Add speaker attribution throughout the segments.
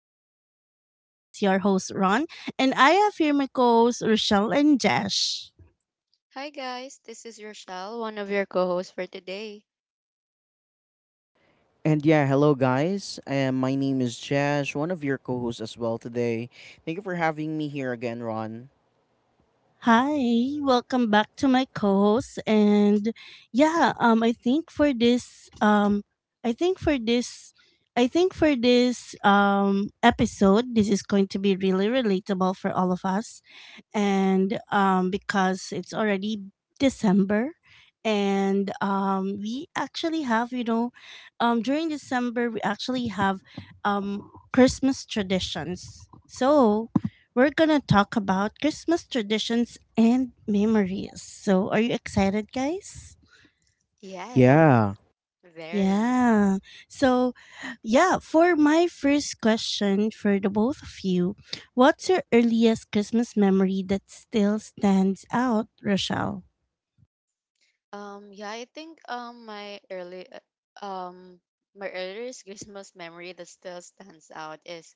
Speaker 1: Growth Podcast. This is your host, Ron, and I have here my co hosts, Rochelle and Jash.
Speaker 2: Hi guys, this is Rochelle, one of your co-hosts for today.
Speaker 3: And yeah, hello guys. My name is Jash, one of your co-hosts as well today. Thank you for having me here again, Ron.
Speaker 1: Hi, welcome back to my co host. And yeah, I think for I think for I think for this episode, this is going to be really relatable for all of us and because it's already December, and we actually have during December we actually have Christmas traditions. So we're gonna talk about Christmas traditions and memories. So are you excited, guys?
Speaker 2: Yes,
Speaker 3: Yeah.
Speaker 2: very.
Speaker 1: Yeah. So, yeah, for my first question for the both of you, what's your earliest Christmas memory that still stands out, Rochelle?
Speaker 2: Yeah, I think my early my earliest Christmas memory that still stands out is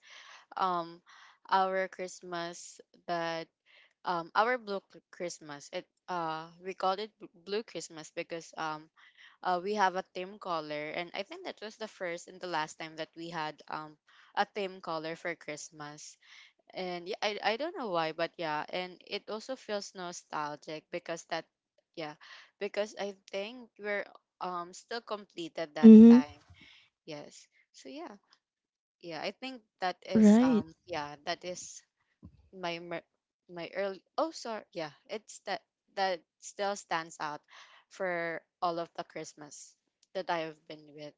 Speaker 2: um our Christmas that our blue Christmas. It We called it blue Christmas because we have a theme color, and I think that was the first and the last time that we had a theme color for Christmas. And yeah, I don't know why, but yeah, and it also feels nostalgic because yeah, because I think we're still completed that
Speaker 1: Mm-hmm.
Speaker 2: time. Yes. So yeah. Yeah, I think that is
Speaker 1: Right.
Speaker 2: yeah, that is my mer- my early oh sorry, yeah, it's that that still stands out for all of the Christmas that I have been with.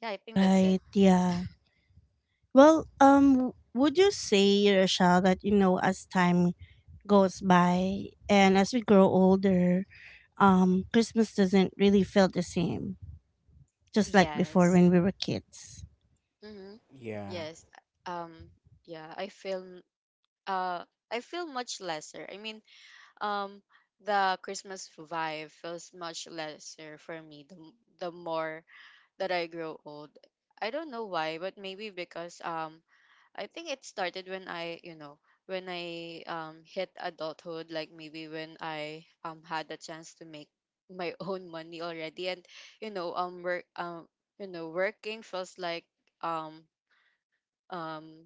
Speaker 2: Yeah, I think that's it.
Speaker 1: Right. Yeah. Well, would you say, Rochelle, that you know, as time goes by and as we grow older, Christmas doesn't really feel the same? Just like before
Speaker 2: Yes.
Speaker 1: when we were kids.
Speaker 2: Mhm.
Speaker 3: Yeah.
Speaker 2: Yes. Um yeah, uh I feel much lesser. I mean, um the Christmas vibe feels much lesser for me the more that I grow old. I don't know why, but maybe because I think it started when I, you know, when I hit adulthood, like maybe when I had the chance to make my own money already, and you know work you know, working feels like um um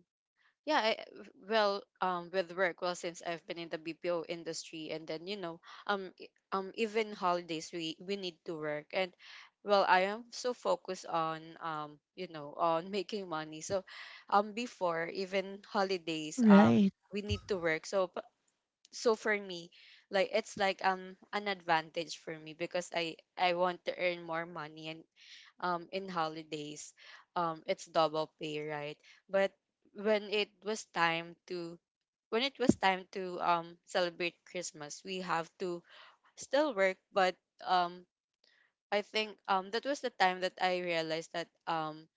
Speaker 2: yeah well with work. Well, since I've been in the BPO industry and then, you know, even holidays we need to work. And well, I am so focused on, you know, on making money. So before, even holidays,
Speaker 1: Right.
Speaker 2: we need to work. So for me, like it's like an advantage for me because I want to earn more money, and in holidays it's double pay, right? But when it was time to when it was time to celebrate Christmas, we have to still work. But um I think that was the time that I realized that um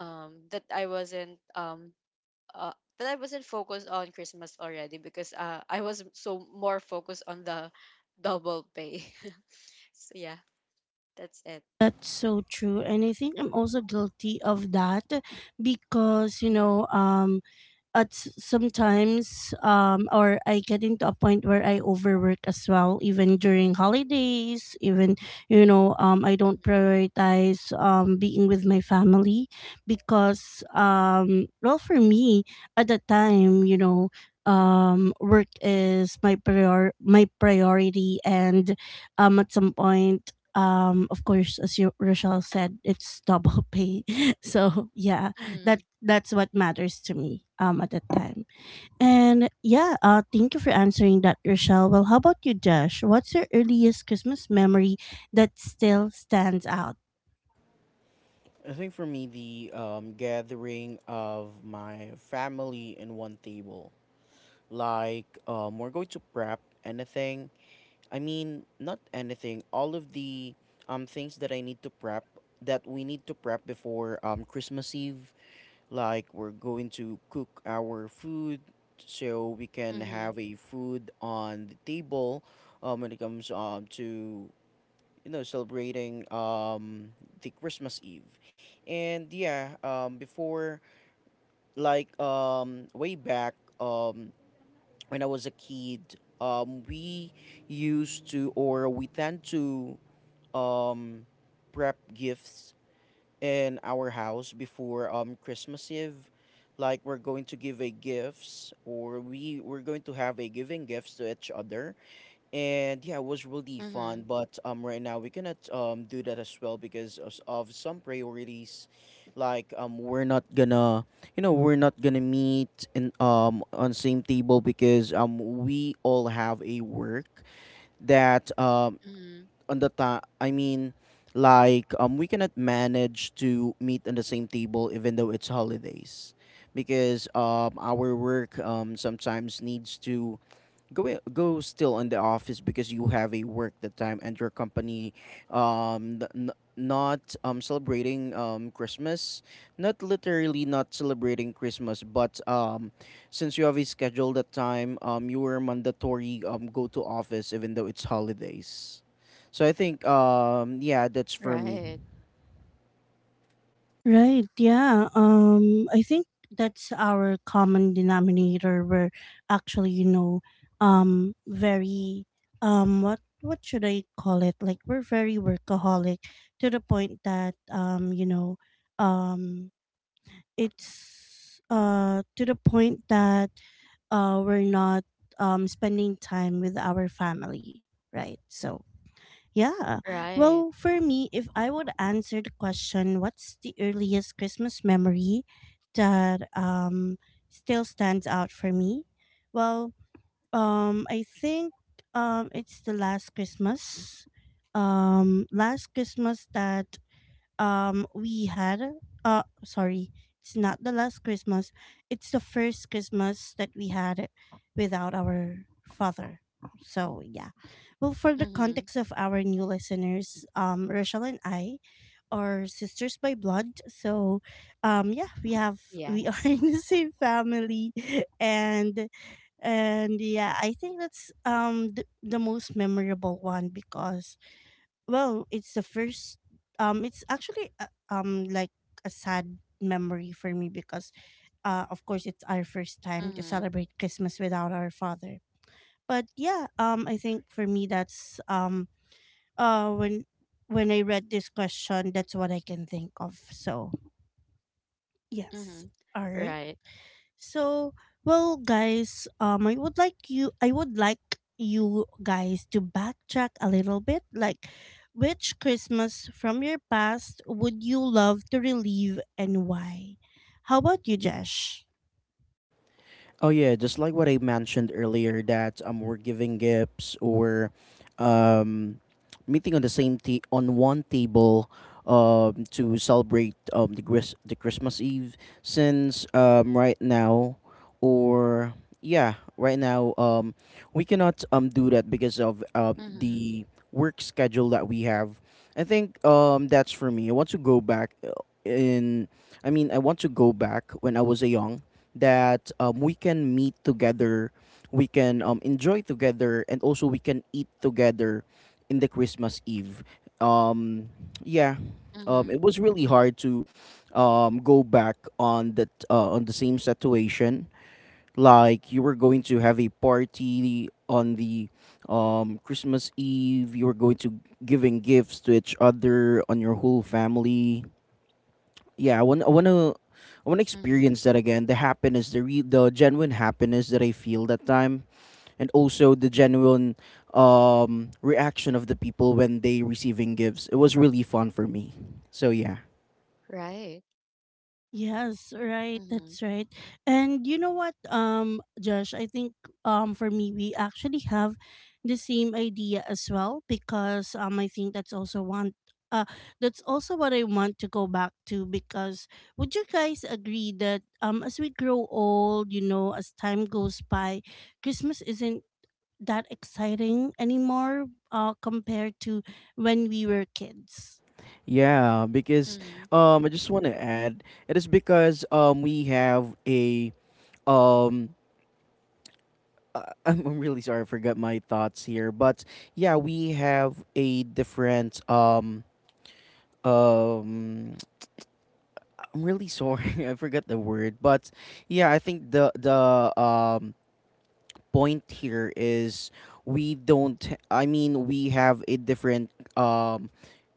Speaker 2: um that I wasn't uh, that I wasn't focused on Christmas already, because uh, I was so more focused on the double pay. So yeah, that's it.
Speaker 1: That's so true. And I think I'm also guilty of that because, you know,
Speaker 2: Mm-hmm,
Speaker 1: at sometimes or I get into a point where I overwork as well even during holidays even you know I don't prioritize being with my family because well for me at the time you know work is my prior my priority and at some point of course as you Rochelle said it's double pay so yeah that's what matters to me at that time, and yeah, thank you for answering that, Rochelle. Well, how about you, Josh? What's your earliest Christmas memory that still stands out?
Speaker 3: I think for me, the gathering of my family in one table. Like, we're going to prep anything. I mean, not anything. All of the things that I need to prep, that we need to prep before Christmas Eve, like we're going to cook our food so we can
Speaker 2: mm-hmm,
Speaker 3: have a food on the table when it comes to celebrating the Christmas Eve. And yeah, before, like, way back, um, when I was a kid, we used to, or we tend to um, prep gifts in our house before Christmas Eve. Like, we're going to give a gifts, or we're going to have a giving gifts to each other. And yeah, it was really fun.
Speaker 2: mm-hmm.
Speaker 3: But right now, we cannot do that as well, because of some priorities. Like, we're not gonna meet in on same table because we all have a work that
Speaker 2: Mhm.
Speaker 3: on the time. I mean, like, we cannot manage to meet on the same table even though it's holidays, because our work sometimes needs to go go still in the office, because you have a work that time and your company not celebrating Christmas, not literally not celebrating Christmas, but since you have a schedule that time, you were mandatory go to office even though it's holidays. So I think, yeah, that's for me.
Speaker 2: Right.
Speaker 1: Right. Yeah. I think that's our common denominator. We're actually, you know, very, what should I call it? Like we're very workaholic to the point that, you know, um, it's to the point that we're not spending time with our family. Right. So yeah.
Speaker 2: Right.
Speaker 1: Well, for me, if I would answer the question, what's the earliest Christmas memory that still stands out for me? Well, I think it's the last Christmas. Last Christmas that we had, sorry, it's not the last Christmas, it's the first Christmas that we had without our father. So yeah, well, for the
Speaker 2: Mhm.
Speaker 1: context of our new listeners, Rochelle and I are sisters by blood, so yeah, we have, we are
Speaker 2: Yes.
Speaker 1: in the same family, and and yeah, I think that's the most memorable one because well, it's the first, it's actually like a sad memory for me because of course it's our first time to
Speaker 2: Mhm.
Speaker 1: celebrate Christmas without our father. But yeah, I think for me that's uh when when I read this question, that's what I can think of. So, yes.
Speaker 2: Mhm.
Speaker 1: All right.
Speaker 2: Right.
Speaker 1: So, well, guys, I would like you guys to backtrack a little bit. Like, which Christmas from your past would you love to relive and why? How about you, Jesh?
Speaker 3: Oh yeah, just like what I mentioned earlier, that we're giving gifts, or um, meeting on the same on one table to celebrate, the Christmas Eve. Since right now, or yeah, right now, we cannot do that because of
Speaker 2: Mhm.
Speaker 3: the work schedule that we have. I think, that's for me. I want to go back, in. I want to go back when I was a young, that we can meet together, we can enjoy together, and also we can eat together in the Christmas Eve. Um, yeah, it
Speaker 2: Mhm.
Speaker 3: was really hard to go back on that, on the same situation. Like, you were going to have a party on the, Christmas Eve, you were going to giving gifts to each other on your whole family. Yeah, I want to
Speaker 2: Mhm.
Speaker 3: experience that again. The happiness, the the genuine happiness that I feel that time, and also the genuine reaction of the people when they receiving gifts. It was really fun for me. So yeah.
Speaker 2: Right.
Speaker 1: Yes, right.
Speaker 2: Mhm.
Speaker 1: That's right. And you know what, Josh, I think for me we actually have the same idea as well because I think that's also one uh that's also what I want to go back to because would you guys agree that as we grow old, you know, as time goes by, Christmas isn't that exciting anymore compared to when we were kids.
Speaker 3: Yeah, because
Speaker 2: Mhm.
Speaker 3: I just want to add, it is because we have a um, I'm really sorry, I forgot my thoughts here, but yeah, we have a different um I'm really sorry. I forgot the word, but yeah, I think the point here is, we don't, I mean, we have a different, um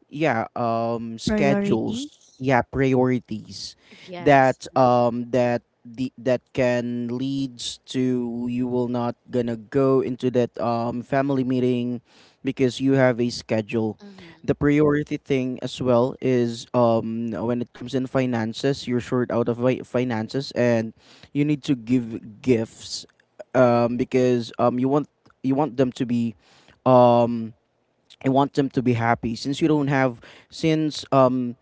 Speaker 3: yeah,
Speaker 1: Priorities?
Speaker 3: schedules, yeah, priorities
Speaker 2: Yes.
Speaker 3: that
Speaker 2: Mhm.
Speaker 3: um that the that can leads to, you will not gonna go into that family meeting because you have a schedule.
Speaker 2: Mhm.
Speaker 3: The priority thing as well is, when it comes in finances, you're short out of finances, and you need to give gifts because you want them to be um I want them to be happy, since you don't have, since um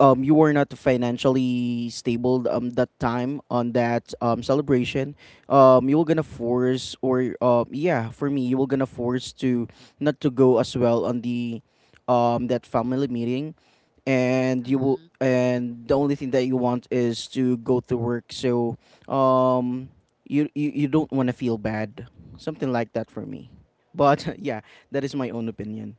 Speaker 3: um you were not financially stable that time on that celebration. You were gonna force, or yeah, for me, you were gonna force to not to go as well on the that family meeting, and you will,
Speaker 2: Mhm.
Speaker 3: and the only thing that you want is to go to work. So um you don't want to feel bad, something like that for me, but yeah, that is my own opinion.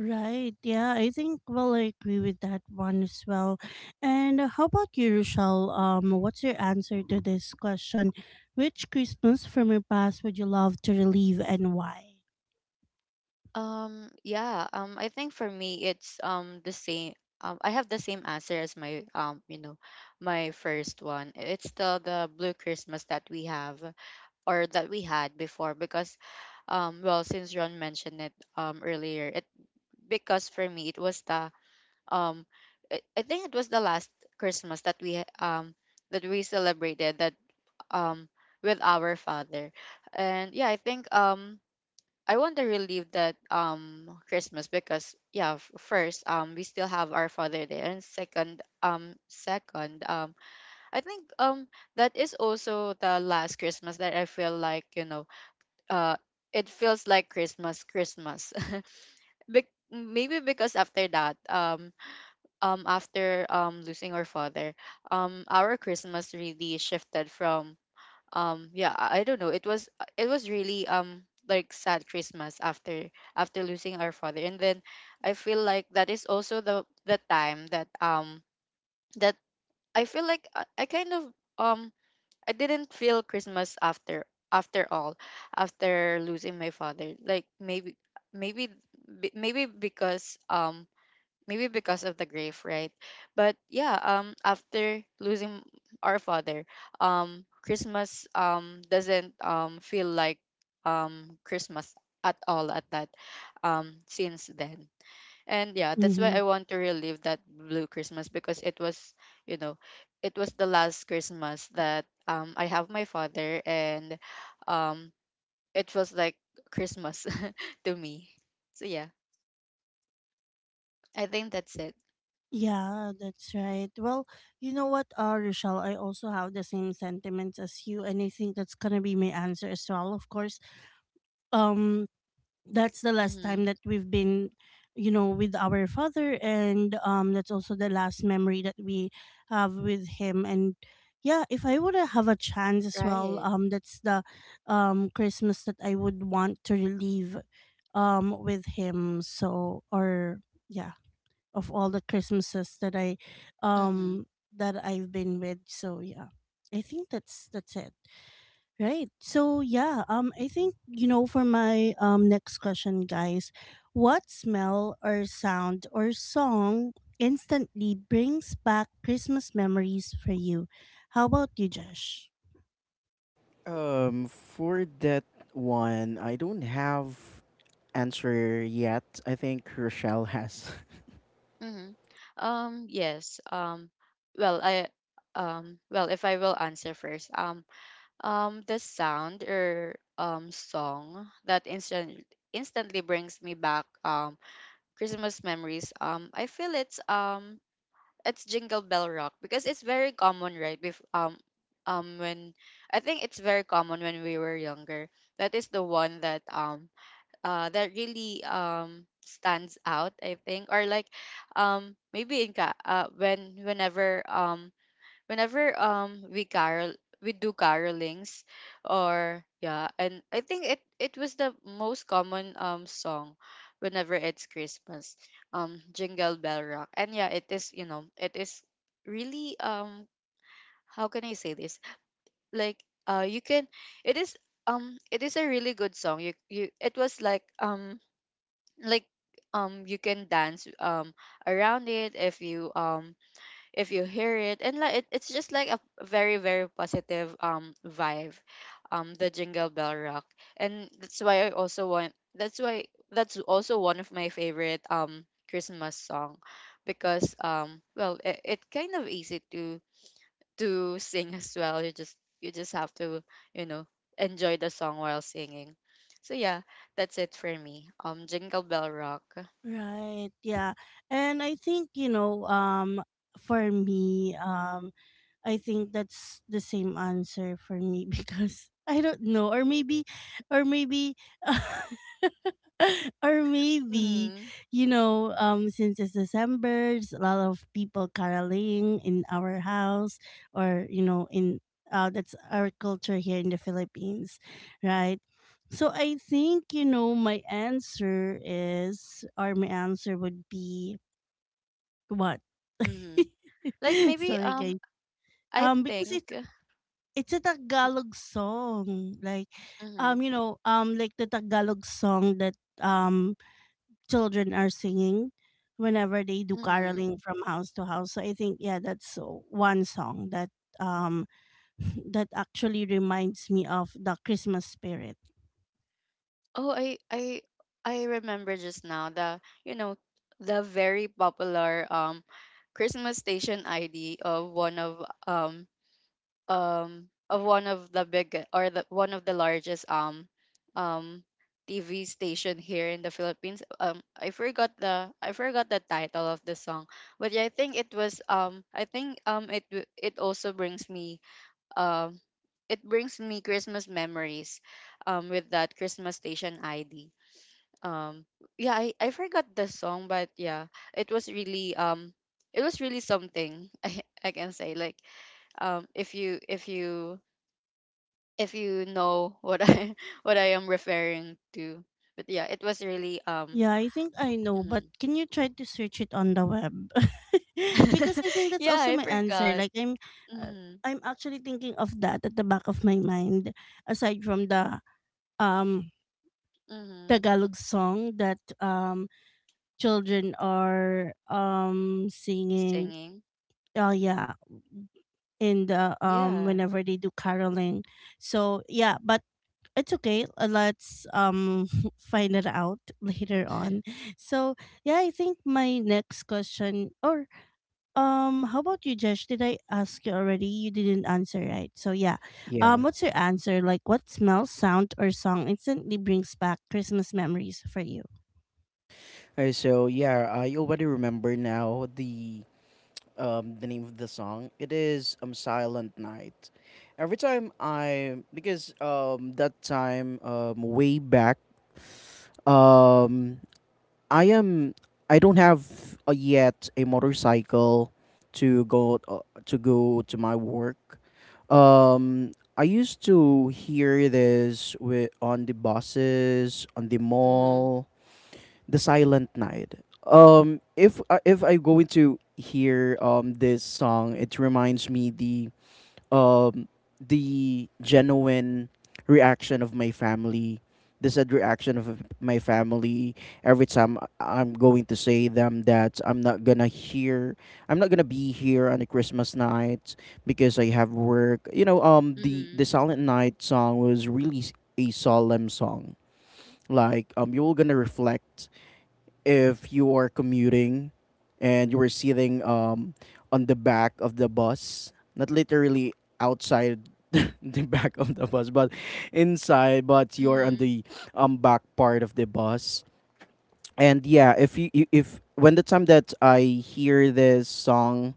Speaker 1: Right. Yeah, I think well I agree with that one as well. And how about you, Rochelle? What's your answer to this question? Which Christmas from your past would you love to relive and why?
Speaker 2: Yeah, I think for me it's the same. I have the same answer as my, you know, my first one. It's still the blue Christmas that we have, or that we had before, because well, since Ron mentioned it earlier it. Because for me it was the um I think it was the last Christmas that that we celebrated, that um with our father. And yeah, I think I want to relive that Christmas because, yeah, first we still have our father there, and second I think that is also the last Christmas that I feel like, you know, uh, it feels like Christmas Christmas. be Maybe because after that after losing our father, our Christmas really shifted from yeah, I don't know, it was, it was really like sad Christmas after after losing our father, and then I feel like that is also the time that that I feel like I kind of um I didn't feel Christmas after after all, after losing my father, like maybe be- maybe because um maybe because of the grief, right? But yeah, after losing our father, Christmas doesn't feel like Christmas at all at that since then. And yeah, that's why
Speaker 1: Mm-hmm.
Speaker 2: I want to relive that blue Christmas because it was, you know, it was the last Christmas that I have my father, and um it was like Christmas to me. So yeah, I think that's it.
Speaker 1: Yeah, that's right. Well, you know what, Rochelle, I also have the same sentiments as you, and I think that's gonna be my answer as well. Of course, um, that's the last
Speaker 2: Mm-hmm.
Speaker 1: time that we've been you know with our father, and that's also the last memory that we have with him, and yeah, if I would have a chance as well,
Speaker 2: Right.
Speaker 1: that's the Christmas that I would want to relive with him, so or yeah, of all the Christmases that I
Speaker 2: Mm-hmm.
Speaker 1: um that I've been with, so yeah, I think that's it. Right. So yeah, I think you know for my next question, guys, what smell or sound or song instantly brings back Christmas memories for you? How about you, Josh?
Speaker 3: For that one, I don't have answer yet. I think Rochelle has.
Speaker 2: Mm-hmm. Yes. Well, I well, if I will answer first. The sound or song that instantly brings me back Christmas memories. I feel it's Jingle Bell Rock because it's very common, right? Bef when I think it's very common when we were younger. That is the one that that really stands out, I think, or like maybe when whenever we carol we do carolings or, yeah. And I think it it was the most common song whenever it's Christmas, Jingle Bell Rock. And yeah, it is, you know, it is really how can I say this? Like, uh, you can it is it is a really good song. You It was like like you can dance around it if you hear it. And like it, it's just like a very positive vibe, the Jingle Bell Rock. And that's why I also want, that's why that's also one of my favorite Christmas song, because well, it, it's kind of easy to sing as well. You just you just have to, you know, enjoy the song while singing. So yeah, that's it for me, Jingle Bell Rock.
Speaker 1: Right. Yeah. And I think you know for me I think that's the same answer for me because I don't know, or maybe or maybe
Speaker 2: Mhm,
Speaker 1: you know since it's December there's a lot of people caroling in our house or you know in that's our culture here in the Philippines, right? So I think you know my answer is, or my answer would be, what
Speaker 2: mhm. Like maybe
Speaker 1: sorry guys,
Speaker 2: I
Speaker 1: because
Speaker 2: think
Speaker 1: it's a Tagalog song. Like,
Speaker 2: mhm,
Speaker 1: like the Tagalog song that children are singing whenever they do
Speaker 2: mhm.
Speaker 1: caroling from house to house. So I think yeah, that's one song that um that actually reminds me of the Christmas spirit.
Speaker 2: Oh, I remember just now the, you know, the very popular Christmas station ID of one of the big or the one of the largest um TV station here in the Philippines. I forgot the title of the song. But yeah, I think it was I think it also brings me um it brings me Christmas memories with that Christmas station ID. Um yeah, I forgot the song, but yeah, it was really um it was really something. I can say like if you if you if you know what I what I am referring to. But yeah, it was really
Speaker 1: Yeah, I think I know, but
Speaker 2: mhm.
Speaker 1: can you try to search it on the web? Because I think that's
Speaker 2: Yeah,
Speaker 1: also
Speaker 2: I
Speaker 1: my answer.
Speaker 2: forgot.
Speaker 1: Like uh,
Speaker 2: Mm-hmm,
Speaker 1: I'm actually thinking of that at the back of my mind aside from the um
Speaker 2: mm-hmm.
Speaker 1: Tagalog song that children are singing.
Speaker 2: Singing.
Speaker 1: Oh yeah, in the
Speaker 2: Yeah.
Speaker 1: whenever they do caroling. So yeah, but it's okay. Let's find it out later on. So yeah, I think my next question or how about you, Josh? Did I ask you already? You didn't answer, right? So yeah.
Speaker 3: yeah.
Speaker 1: What's your answer? Like what smell, sound, or song instantly brings back Christmas memories for you?
Speaker 3: So yeah, I already remember now the name of the song. It is Silent Night. Every time I, because that time, way back, um I am. I don't have, yet, a motorcycle to go, to go to my work. I used to hear this with, on the buses, on the
Speaker 2: Mm-hmm,
Speaker 3: mall, the Silent Night. If I go into hear this song, it reminds me um the genuine reaction of my family, the said reaction of my family every time I'm going to say them that I'm not gonna hear, I'm not gonna be here on the Christmas night because I have work. you know um the
Speaker 2: mm-hmm,
Speaker 3: the Silent Night song was really a solemn song. Like, you're gonna reflect if you are commuting and you were sitting, on the back of the bus, not literally outside the back of the bus, but inside, but you're on the, back part of the bus. And yeah, if you, you if when the time that I hear this song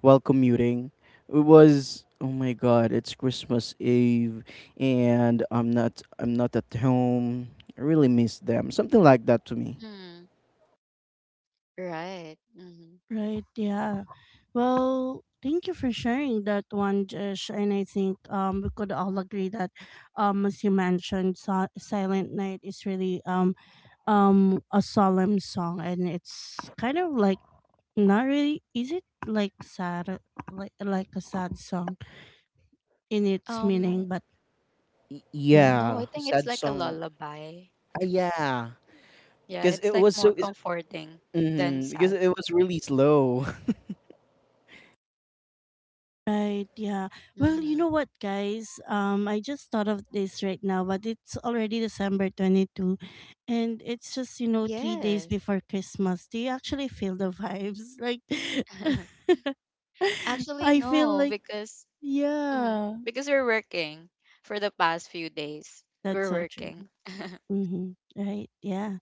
Speaker 3: while commuting, it was, oh my god, it's Christmas Eve and I'm not, I'm not at home. I really miss them. Something like that to me.
Speaker 2: mm-hmm. Right. Mhm.
Speaker 1: Right, yeah. Well, thank you for sharing that one, Josh. And I think we could all agree that as you mentioned, Silent Night is really a solemn song, and it's kind of like, not really, is it like a sad song in its
Speaker 2: Um,
Speaker 1: meaning, but
Speaker 3: Y
Speaker 1: yeah.
Speaker 2: no,
Speaker 3: Yeah,
Speaker 2: I think it's
Speaker 3: sad
Speaker 2: like a
Speaker 3: song.
Speaker 2: lullaby.
Speaker 3: Ah, yeah,
Speaker 2: Yeah,
Speaker 3: because
Speaker 2: it's
Speaker 3: it
Speaker 2: like
Speaker 3: was
Speaker 2: more
Speaker 3: so.
Speaker 2: comforting than
Speaker 3: Because
Speaker 2: sad.
Speaker 3: it was really slow.
Speaker 1: Right, yeah. Well, you
Speaker 2: Hmm.
Speaker 1: know what, guys? I just thought of this right now, but it's already December 22, and it's just, you know, three days
Speaker 2: Yes.
Speaker 1: before Christmas. Do you actually feel the vibes? Like,
Speaker 2: Actually,
Speaker 1: I feel
Speaker 2: no,
Speaker 1: like,
Speaker 2: because mhm,
Speaker 1: yeah,
Speaker 2: because we're working for the past few days.
Speaker 1: that's
Speaker 2: We're
Speaker 1: so true.
Speaker 2: working.
Speaker 1: Mm-hmm. Right, yeah.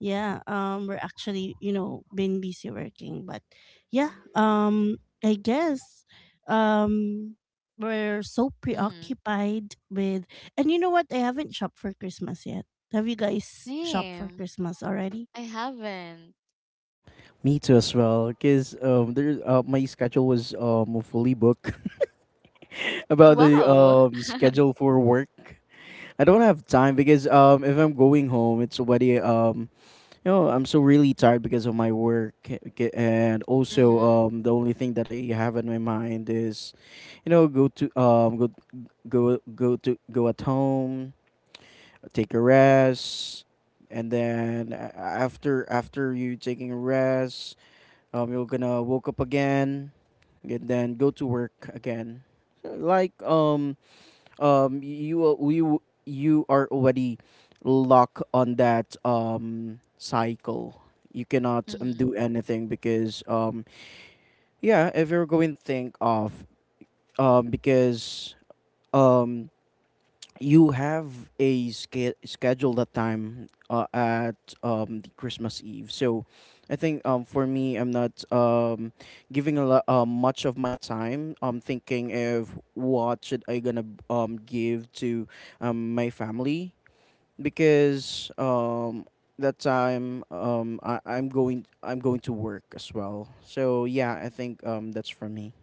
Speaker 1: Yeah, we're actually, you know, been busy working, but yeah, I guess, um, we're so
Speaker 2: Hmm.
Speaker 1: preoccupied with, and you know what? I haven't shopped for Christmas yet. Have you guys shopped for
Speaker 2: Name,
Speaker 1: Christmas already?
Speaker 2: I haven't.
Speaker 3: Me too as well. Because there my schedule was fully booked about the
Speaker 2: Wow.
Speaker 3: schedule for work. I don't have time because if I'm going home, it's already I'm so really tired because of my work, and also
Speaker 2: Hmm.
Speaker 3: the only thing that I have in my mind is, go to, go go go to go at home, take a rest, and then, after, after you taking a rest, you're gonna woke up again, and then go to work again. Like, um you are- you you are already locked on that cycle. You cannot,
Speaker 2: Hmm.
Speaker 3: do anything because yeah, if you're going to think of, because um you have a schedule that time, at the Christmas Eve. So I think, for me, I'm not, giving a lot, much of my time, I'm thinking if what should I gonna give to, my family because, that time, I'm going to work as well. So yeah, I think, that's for me.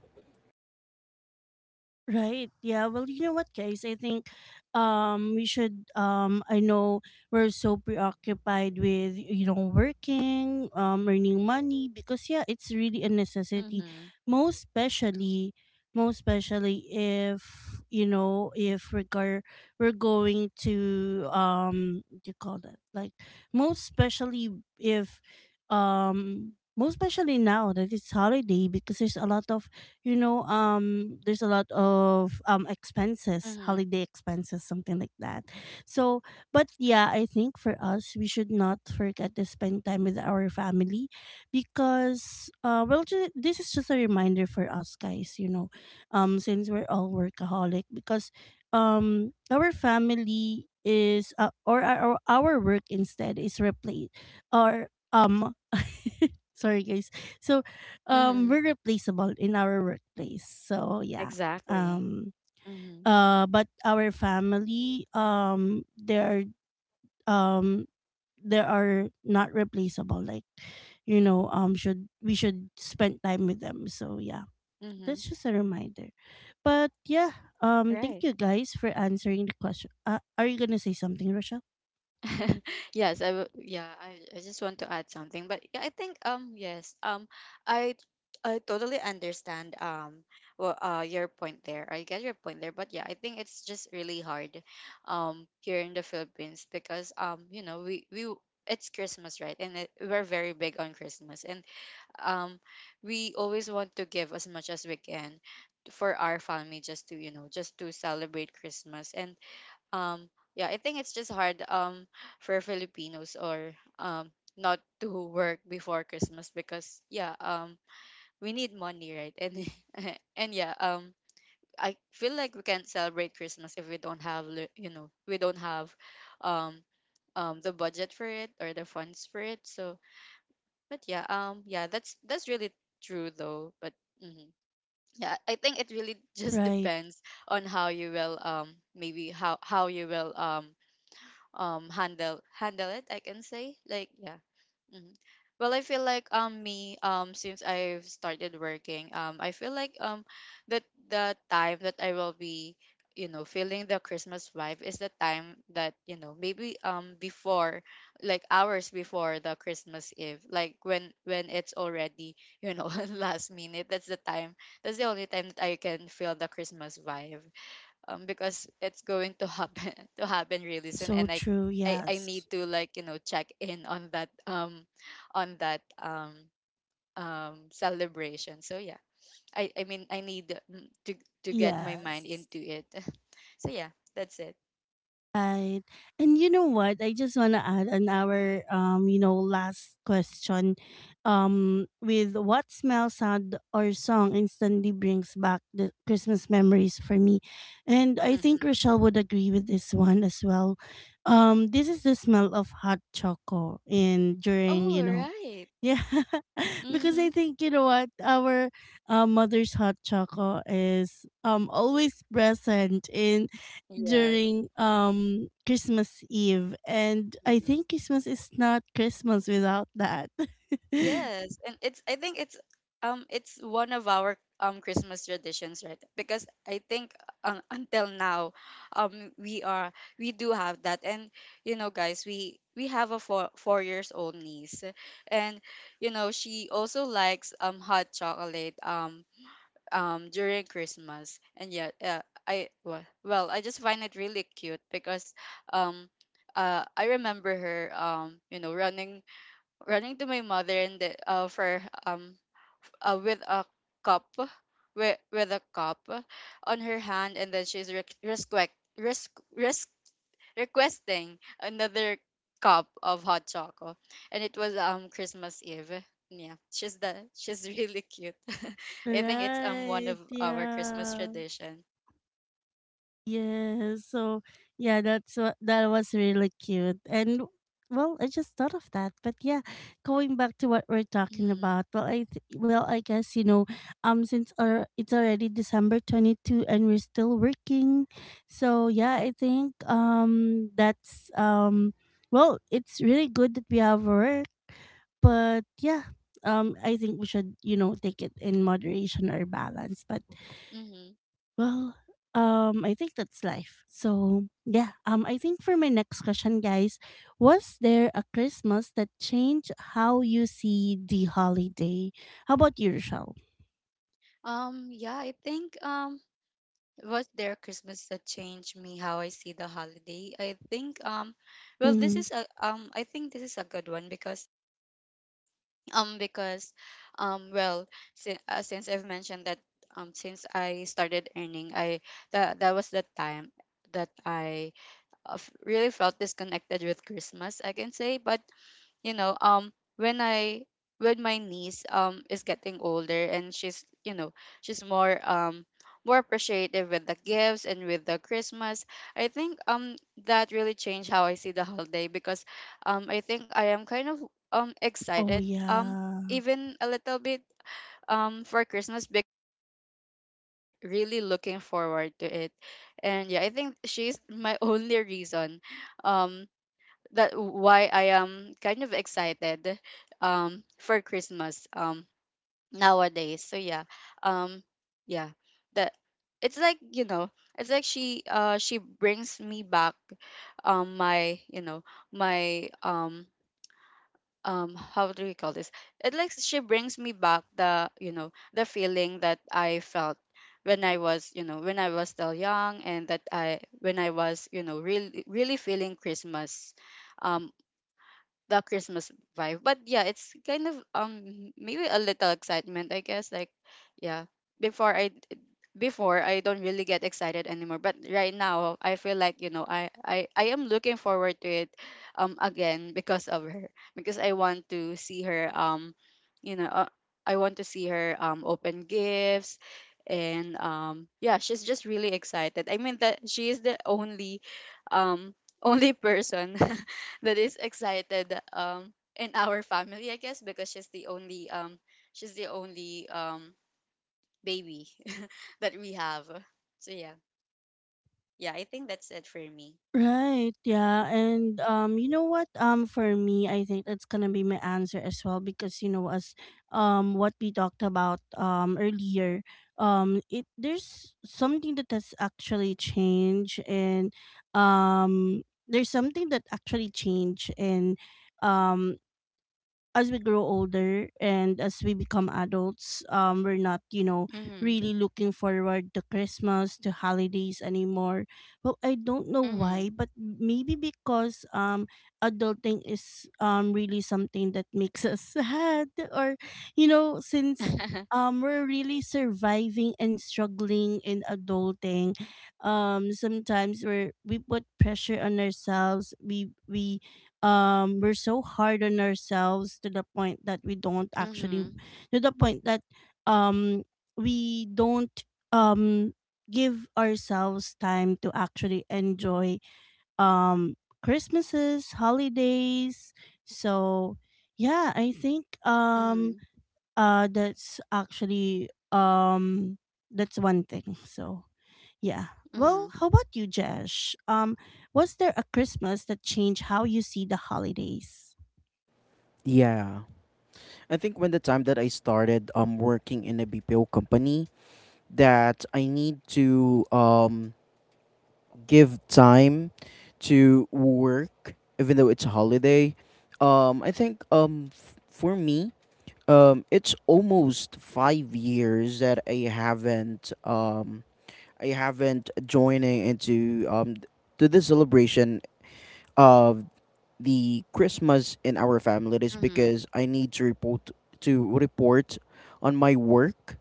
Speaker 1: Right. Yeah. Well, you know what, guys? I think we should I know we're so preoccupied with you know working, earning money because yeah, it's really a necessity.
Speaker 2: Hmm.
Speaker 1: Most especially most especially if you know if we're gar- we're going to what do you call that, like most especially if um most especially now that it's holiday, because there's a lot of you know there's a lot of expenses,
Speaker 2: Hmm.
Speaker 1: holiday expenses, something like that. So but yeah, I think for us we should not forget to spend time with our family, because this is just a reminder for us guys, you know, since we're all workaholic, because our work instead is replaced or sorry guys, so
Speaker 2: Hmm.
Speaker 1: we're replaceable in our workplace, so yeah,
Speaker 2: Exactly.
Speaker 1: um
Speaker 2: Hmm.
Speaker 1: but our family, um they are not replaceable, like you know should we should spend time with them, so yeah,
Speaker 2: Hmm.
Speaker 1: that's just a reminder. But yeah,
Speaker 2: Right.
Speaker 1: thank you guys for answering the question. Are you gonna say something, Rochelle?
Speaker 2: Yes, I will, yeah, I just want to add something, but yeah, I think yes, I I totally understand well, uh, your point there. I get your point there, but yeah, I think it's just really hard here in the Philippines, because you know, we it's Christmas, right? And it, we're very big on Christmas, and um we always want to give as much as we can for our family just to, you know, just to celebrate Christmas and um yeah, I think it's just hard for Filipinos or um not to work before Christmas, because yeah, we need money, right? And and yeah, I feel like we can't celebrate Christmas if we don't have you know, we don't have um the budget for it or the funds for it. So but yeah, yeah, that's really true though but mhm. Yeah, I think it really just
Speaker 1: Right.
Speaker 2: depends on how you will maybe how you will handle handle it, I can say, like, yeah. Hmm. Well, I feel like me since I've started working, I feel like that the time that I will be, you know, feeling the Christmas vibe is the time that, you know, maybe before, like hours before the Christmas Eve, like when it's already, you know, last minute, that's the time, that's the only time that I can feel the Christmas vibe, because it's going to happen to happen really soon,
Speaker 1: So
Speaker 2: and
Speaker 1: true.
Speaker 2: I
Speaker 1: Yes.
Speaker 2: need to, like, you know, check in on that celebration. So yeah, I mean I need mm, to get my mind
Speaker 1: Yes.
Speaker 2: into it. So yeah, that's it.
Speaker 1: Right. And you know what? I just want to add on our you know, last question with what smell, sound or song instantly brings back the Christmas memories for me. And I think
Speaker 2: Hmm.
Speaker 1: Rochelle would agree with this one as well. Um, this is the smell of hot choco in during,
Speaker 2: Oh,
Speaker 1: you know,
Speaker 2: right.
Speaker 1: yeah, because I
Speaker 2: Mm-hmm.
Speaker 1: think you know what our mother's hot choco is always present in
Speaker 2: Yes.
Speaker 1: during Christmas Eve, and I
Speaker 2: Mm-hmm.
Speaker 1: think Christmas is not Christmas without that.
Speaker 2: Yes, and it's I think it's one of our Christmas traditions, right? Because I think until now, we are we do have that, and you know, guys, we have a four years old niece, and you know she also likes hot chocolate during Christmas, and yeah, I well, I just find it really cute because um I remember her running to my mother and the, for with a cup with a cup on her hand, and then she's re- request, risk, risk, requesting another cup of hot chocolate. And it was Christmas Eve. Yeah, she's really cute. I think it's one of
Speaker 1: Right.
Speaker 2: our Christmas
Speaker 1: Yeah.
Speaker 2: tradition.
Speaker 1: Yes. So yeah, that's what that was really cute. And well, I just thought of that. But yeah, going back to what we're talking
Speaker 2: Mm-hmm.
Speaker 1: about. Well, I guess you know, since our it's already December 22 and we're still working, so yeah, I think that's well, it's really good that we have work, but yeah, I think we should you know take it in moderation or balance, but
Speaker 2: Mm-hmm.
Speaker 1: well, I think that's life. I think for my next question, guys, was there a Christmas that changed how you see the holiday? How about you, Rochelle?
Speaker 2: Yeah, I think was there Christmas that changed me how I see the holiday? I think well, this
Speaker 1: Mm-hmm.
Speaker 2: is a I think this is a good one because um because well, since I've mentioned that, since I started earning, I that was the time that I really felt disconnected with Christmas, I can say. But you know, when I when my niece is getting older and she's you know, she's more appreciative with the gifts and with the Christmas, I think that really changed how I see the holiday, because I think I am kind of
Speaker 1: Oh
Speaker 2: excited,
Speaker 1: yeah.
Speaker 2: even a little bit, for Christmas, because I know that she is really looking forward to it. And yeah, I think she's my only reason um that why I am kind of excited for Christmas nowadays. So yeah. Um yeah. That It's like, you know, it's like she brings me back my, you know, my how do we call this? It like she brings me back the, you know, the feeling that I felt when I was, you know, when I was still young and that I when I was, you know, really really feeling Christmas, um the Christmas vibe. But yeah, it's kind of maybe a little excitement, I guess. Like yeah, before I before I don't really get excited anymore. But right now, I feel like you know I am looking forward to it, again, because of her, because I want to see her, you know uh, I want to see her open gifts. And yeah, she's just really excited. I mean, that she is the only um only person that is excited in our family, I guess, because she's the only she's the only um baby that we have. So yeah, yeah, I think that's it for me.
Speaker 1: Right, yeah. And you know what? For me, I think that's going to be my answer as well because you know as what we talked about earlier, it there's something that has actually changed and um there's something that actually changed and um as we grow older and as we become adults, we're not, you know,
Speaker 2: Mhm.
Speaker 1: really looking forward to Christmas, to holidays anymore. Well, I don't know why,
Speaker 2: Mhm.
Speaker 1: but maybe because adulting is really something that makes us sad, or you know, since we're really surviving and struggling in adulting, sometimes we put pressure on ourselves. We we're so hard on ourselves to the point that we don't actually
Speaker 2: Mhm.
Speaker 1: to the point that um we don't um give ourselves time to actually enjoy um christmases holidays so yeah i think um
Speaker 2: Mhm.
Speaker 1: uh that's actually that's one thing so yeah. Well,
Speaker 2: Mhm.
Speaker 1: how about you, Jesh? Was there a Christmas that changed how you see the holidays?
Speaker 3: Yeah. I think when the time that I started working in a BPO company, that I need to, give time to work, even though it's a holiday. I think, for me, it's almost 5 years that I haven't joining into, to the celebration of the Christmas in our family. It is
Speaker 2: Mhm.
Speaker 3: because I need to report on my work,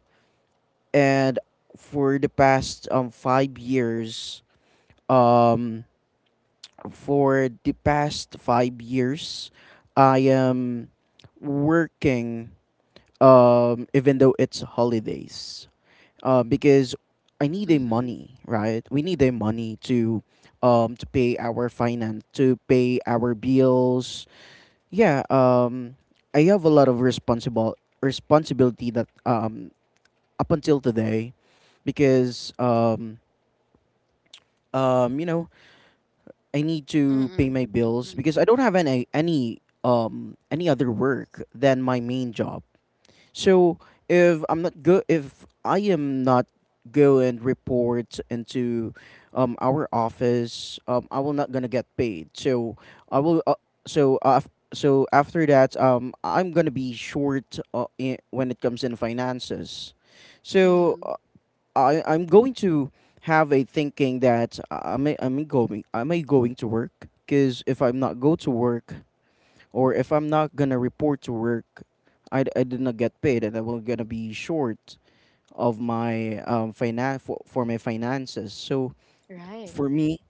Speaker 3: and for the past 5 years, um, for the past 5 years, I am working, even though it's holidays, because I need a
Speaker 2: Mhm.
Speaker 3: money, right? We need a money to, to pay our finance, to pay our bills. Yeah, I have a lot of responsible responsibility that, up until today, because, um, you know I need to pay
Speaker 2: Mhm.
Speaker 3: my bills because I don't have any other work than my main job. So, if I am not go and report into, our office, I will not gonna get paid. I will uh, so uh, so after that, I'm gonna be short, when it comes in finances. So
Speaker 2: Mhm.
Speaker 3: I'm going to have a thinking that I am I'm going am I may going to work, because if I'm not go to work, or if I'm not gonna report to work, I did not get paid, and I will gonna be short of my for, my finances. So
Speaker 2: Right.
Speaker 3: for me,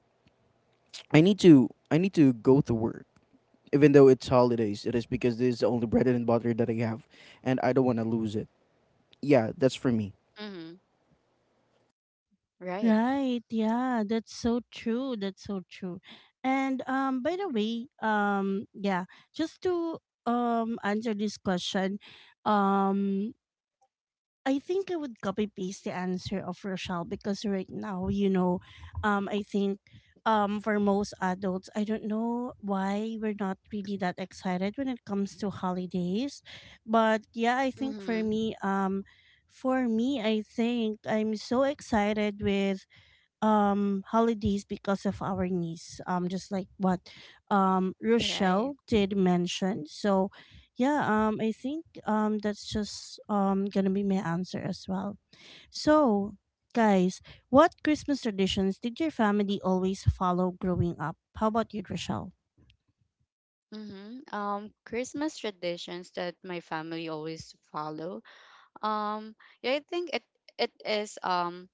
Speaker 3: I need to go to work even though it's holidays. It is because this is the only bread and butter that I have, and I don't want to lose it. Yeah, that's for me.
Speaker 2: Mhm. Right.
Speaker 1: Right. Yeah, that's so true. That's so true. And by the way, yeah, just to answer this question, um I think I would copy paste the answer of Rochelle because right now, you know, I think for most adults, I don't know why we're not really that excited when it comes to holidays. But yeah, I think
Speaker 2: Mhm.
Speaker 1: for me, I think I'm so excited with holidays because of our niece just like what
Speaker 2: Right.
Speaker 1: Rochelle did mention so yeah I think that's just gonna be my answer as well so guys, what Christmas traditions did your family always follow growing up? How about you, Rochelle?
Speaker 2: Mhm. Christmas traditions that my family always follow. Um, yeah, I think it is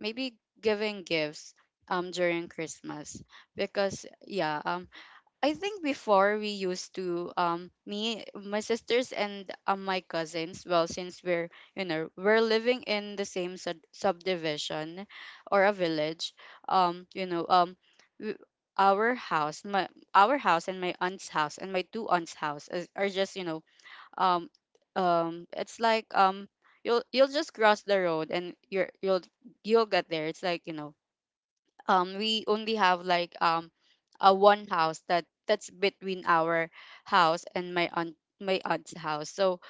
Speaker 2: maybe giving gifts during Christmas, because yeah, I think before we used to me, my sisters, and my cousins, well, since we're you know, we're living in the same subdivision or a village, um you know um w- our house my our house and my aunt's house and my two aunts' house are just you know, um it's like you'll just cross the road and you'll get there. It's like you know, we only have like a one house that that's between our house and my aunt's house. So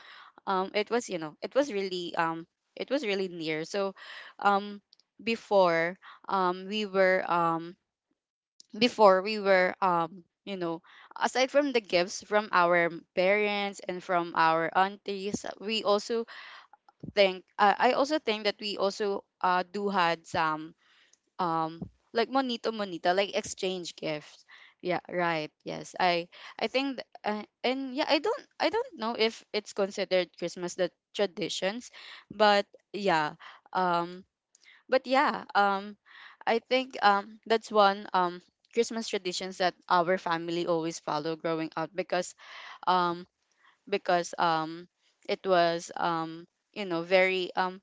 Speaker 2: it was you know, it was really near. So um before um we were um before we were you know, aside from the gifts from our parents and from our aunties, we also think I also think that we also do had some um like monito monita, like exchange gifts. Yeah, right. Yes, I think and yeah, I don't I don't know if it's considered Christmas the traditions, but yeah um but yeah um I think that's one Christmas traditions that our family always follow growing up, because um because um it was you know, very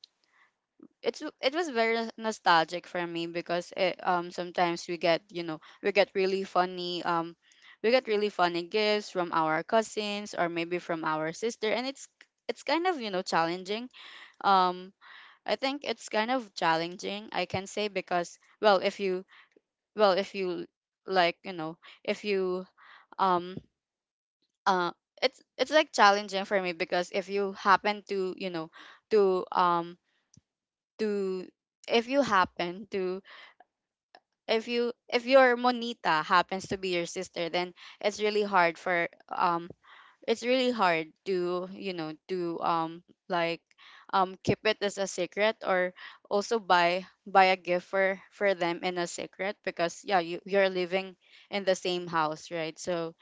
Speaker 2: it's it was very nostalgic for me because it, sometimes we get you know, we get really funny gifts from our cousins or maybe from our sister, and it's kind of you know, challenging. um I think it's kind of challenging, I can say, because well, if you well if you like you know if you um uh it's like challenging for me because if you happen to, you know, to um to if you happen to, if you, if your monita happens to be your sister, then it's really hard for it's really hard to you know, to like keep it as a secret, or also buy a gift for them in a secret, because yeah, you're living in the same house, right? So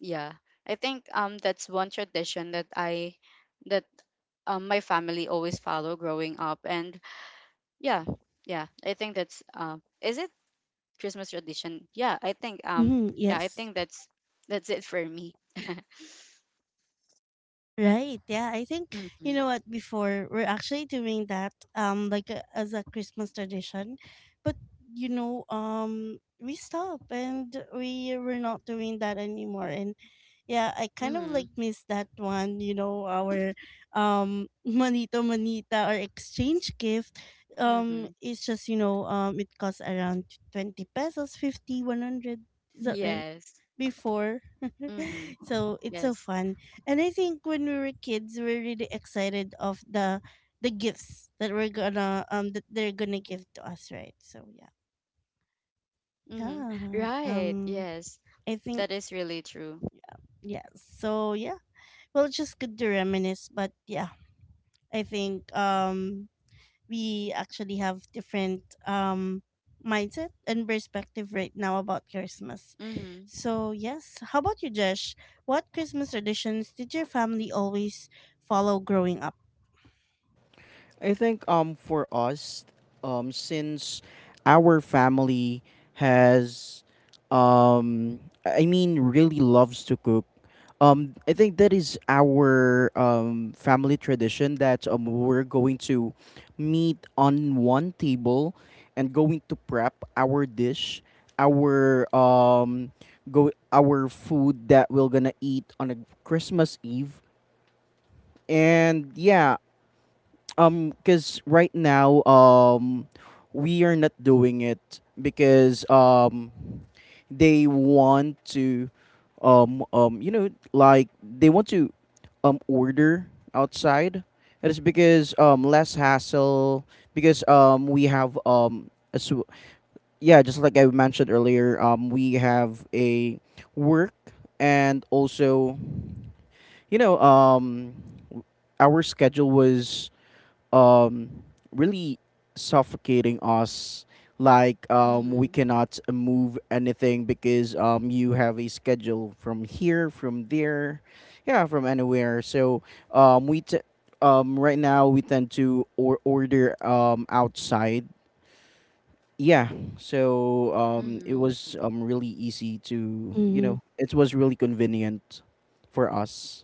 Speaker 2: yeah, I think that's one tradition that I that my family always follow growing up. And yeah, yeah, I think that's is it Christmas tradition.
Speaker 1: Mm-hmm,
Speaker 2: Yeah, I
Speaker 1: yes.
Speaker 2: think that's it for me.
Speaker 1: Right. Yeah. I think you
Speaker 2: Mhm.
Speaker 1: know what. Before we're actually doing that, like as a Christmas tradition, but you know, we stop and we were not doing that anymore. And yeah, I kind of
Speaker 2: Mhm.
Speaker 1: like miss that one. You know, our manito manita or exchange gift.
Speaker 2: Mhm.
Speaker 1: It's just you know, it costs around 20 pesos, 50, 100. Is that right?
Speaker 2: Yes.
Speaker 1: Before.
Speaker 2: Mhm.
Speaker 1: So it's so
Speaker 2: Yes.
Speaker 1: fun. And I think when we were kids, we are really excited of the gifts that we're gonna that they're gonna give to us, right? So yeah,
Speaker 2: Mhm.
Speaker 1: yeah.
Speaker 2: Right. Yes.
Speaker 1: I think
Speaker 2: That is really true.
Speaker 1: yeah. So yeah, well, it's just good to reminisce. But yeah, I think we actually have different mindset and perspective right now about Christmas.
Speaker 2: Mhm.
Speaker 1: So yes, how about you, Jesh? What Christmas traditions did your family always follow growing up?
Speaker 3: I think for us, since our family has, um really loves to cook, I think that is our family tradition, that we're going to meet on one table and going to prep our dish, our go our food that we're gonna eat on a Christmas Eve. And yeah, because right now, we are not doing it because they want to, like they want to order outside. It is because, less hassle, because we have yeah, just like I mentioned earlier, we have a work, and also, you know um our schedule was um really suffocating us. Like we
Speaker 2: Mhm.
Speaker 3: cannot move anything because you have a schedule from here, from there, yeah, from anywhere. So um we t- right now we tend to order outside, yeah. So it
Speaker 2: Mhm.
Speaker 3: was really easy to,
Speaker 1: Hmm.
Speaker 3: it was really convenient for us.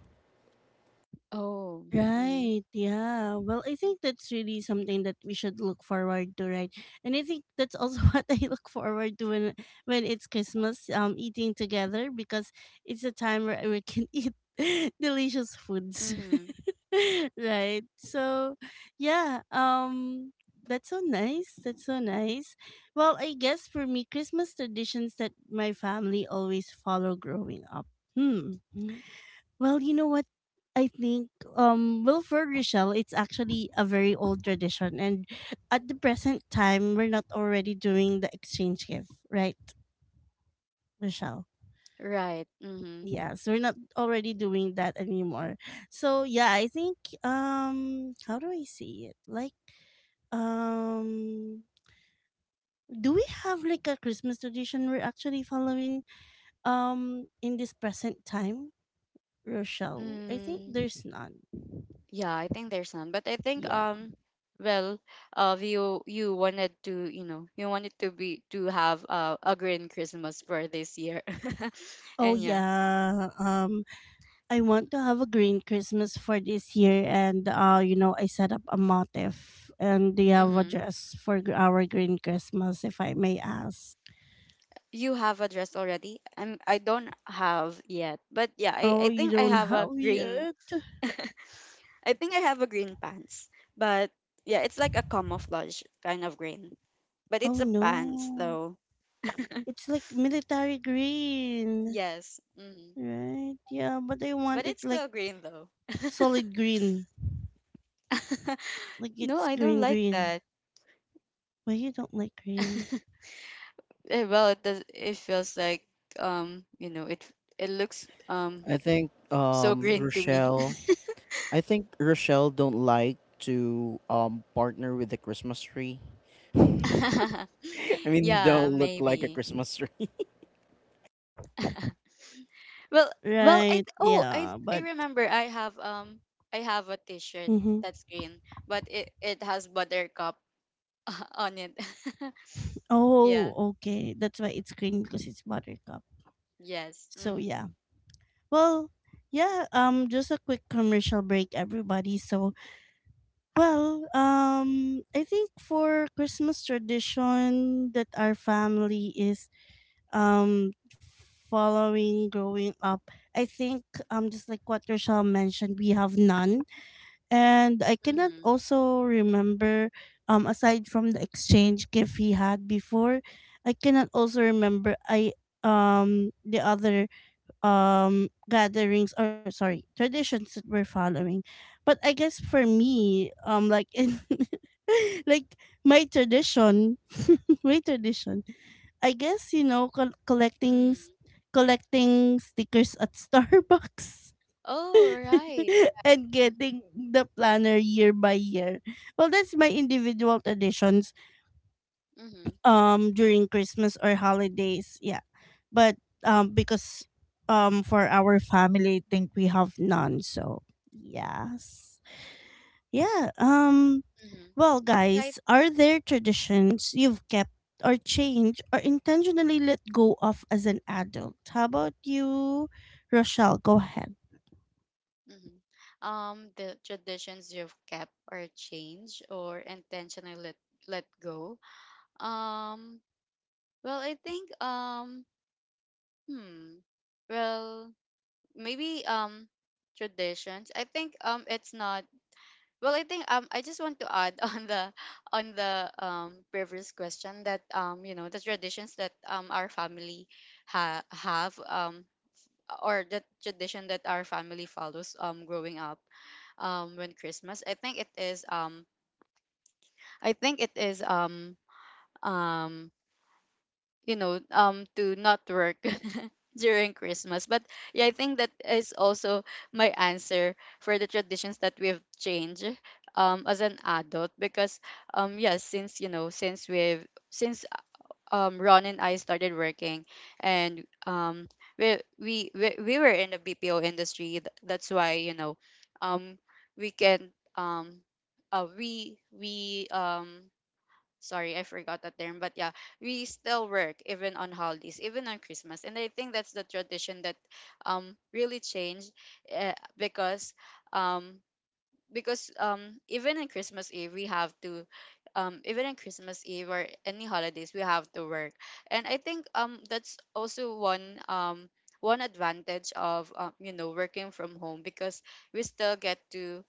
Speaker 2: Oh. Mhm.
Speaker 1: Right, yeah. Well, I think that's really something that we should look forward to, right? And I think that's also what I look forward to when it's Christmas, eating together because it's a time where we can eat delicious foods.
Speaker 2: Mhm.
Speaker 1: Right. So, yeah, that's so nice. That's so nice. Well, I guess for me Christmas traditions that my family always follow growing up. Hmm. Well, you know what? I think well for Rochelle it's actually a very old tradition and at the present time we're not already doing the exchange gift, right, Rochelle?
Speaker 2: Right. Mhm.
Speaker 1: Yes, we're not already doing that anymore. So yeah, I think how do I say it? Like um do we have like a Christmas tradition we're actually following in this present time, Rochelle? I think
Speaker 2: Mm.
Speaker 1: there's none.
Speaker 2: Yeah, I think there's none. But I think
Speaker 1: Yeah.
Speaker 2: well, you wanted to you know, you wanted to be to have a green Christmas for this year.
Speaker 1: Oh
Speaker 2: And yeah.
Speaker 1: yeah. Um, I want to have a green Christmas for this year and you know I set up a motif and they have a
Speaker 2: Hmm.
Speaker 1: dress for gr- our green Christmas if I may ask.
Speaker 2: You have a dress already? I don't have yet. But yeah,
Speaker 1: Oh,
Speaker 2: I
Speaker 1: you
Speaker 2: think I
Speaker 1: don't
Speaker 2: have a
Speaker 1: have
Speaker 2: green,
Speaker 1: yet?
Speaker 2: I think I have a green pants. But yeah, it's like a camouflage kind of green. But
Speaker 1: Oh
Speaker 2: it's a pants
Speaker 1: no.
Speaker 2: though.
Speaker 1: It's like military green,
Speaker 2: Yes. Hmm.
Speaker 1: right? Yeah, but I
Speaker 2: But
Speaker 1: want it
Speaker 2: it's
Speaker 1: like
Speaker 2: still green though.
Speaker 1: solid green. Like
Speaker 2: No,
Speaker 1: it's
Speaker 2: I don't
Speaker 1: green
Speaker 2: like
Speaker 1: green.
Speaker 2: that.
Speaker 1: Why you don't like green?
Speaker 2: Eh, well, it does. It feels like you know, it looks
Speaker 3: I think,
Speaker 2: so green to me.
Speaker 3: Rochelle, I think Rochelle don't like to partner with the Christmas tree. I mean,
Speaker 2: Yeah,
Speaker 3: don't look like a
Speaker 2: maybe.
Speaker 3: Christmas tree.
Speaker 2: Well, well, I
Speaker 1: Right,
Speaker 2: th- oh I
Speaker 1: yeah,
Speaker 2: I
Speaker 1: but
Speaker 2: remember I have a T-shirt
Speaker 1: mhm.
Speaker 2: that's green, but it has buttercup on it. Yeah.
Speaker 1: Oh, okay. That's why it's green because it's buttercup.
Speaker 2: Yes.
Speaker 1: So yeah.
Speaker 2: Mm-hmm.
Speaker 1: Well, yeah, just a quick commercial break everybody. So, well, I think for Christmas tradition that our family is um following growing up, I think just like what Rochelle mentioned, we have none. And I cannot
Speaker 2: Mm-hmm.
Speaker 1: also remember, aside from the exchange gift he had before, I cannot also remember I the other gatherings or sorry traditions that we're following. But I guess for me, like in like my tradition, my tradition I guess you know col- collecting s-
Speaker 2: Mm-hmm.
Speaker 1: collecting stickers at Starbucks.
Speaker 2: Oh right.
Speaker 1: And getting the planner year by year. Well, that's my individual traditions
Speaker 2: Mm-hmm.
Speaker 1: during Christmas or holidays. Yeah. But because for our family I think we have none. So yes. Yeah.
Speaker 2: Mm-hmm.
Speaker 1: Well,
Speaker 2: Yeah, I.
Speaker 1: guys, are there traditions you've kept or changed or intentionally let go of as an adult? How about you, Rochelle? Go ahead.
Speaker 2: Mhm. The traditions you've kept or changed or intentionally let, let go. Um, well, I think hmm, well, maybe traditions. I think it's not. Well, I think I just want to add on the previous question that you know, the traditions that our family ha have or the tradition that our family follows growing up when Christmas. I think it is um you know, to not work during Christmas. But yeah, I think that is also my answer for the traditions that we've changed as an adult, because yes, since you know, since we've since Ron and I started working, and we were in the BPO industry. That's why you know, um, we can we sorry, I forgot that term, but yeah, we still work even on holidays, even on Christmas, and I think that's the tradition that really changed, because um even in Christmas Eve we have to even in Christmas Eve or any holidays we have to work. And I think that's also one one advantage of you know, working from home, because we still get to,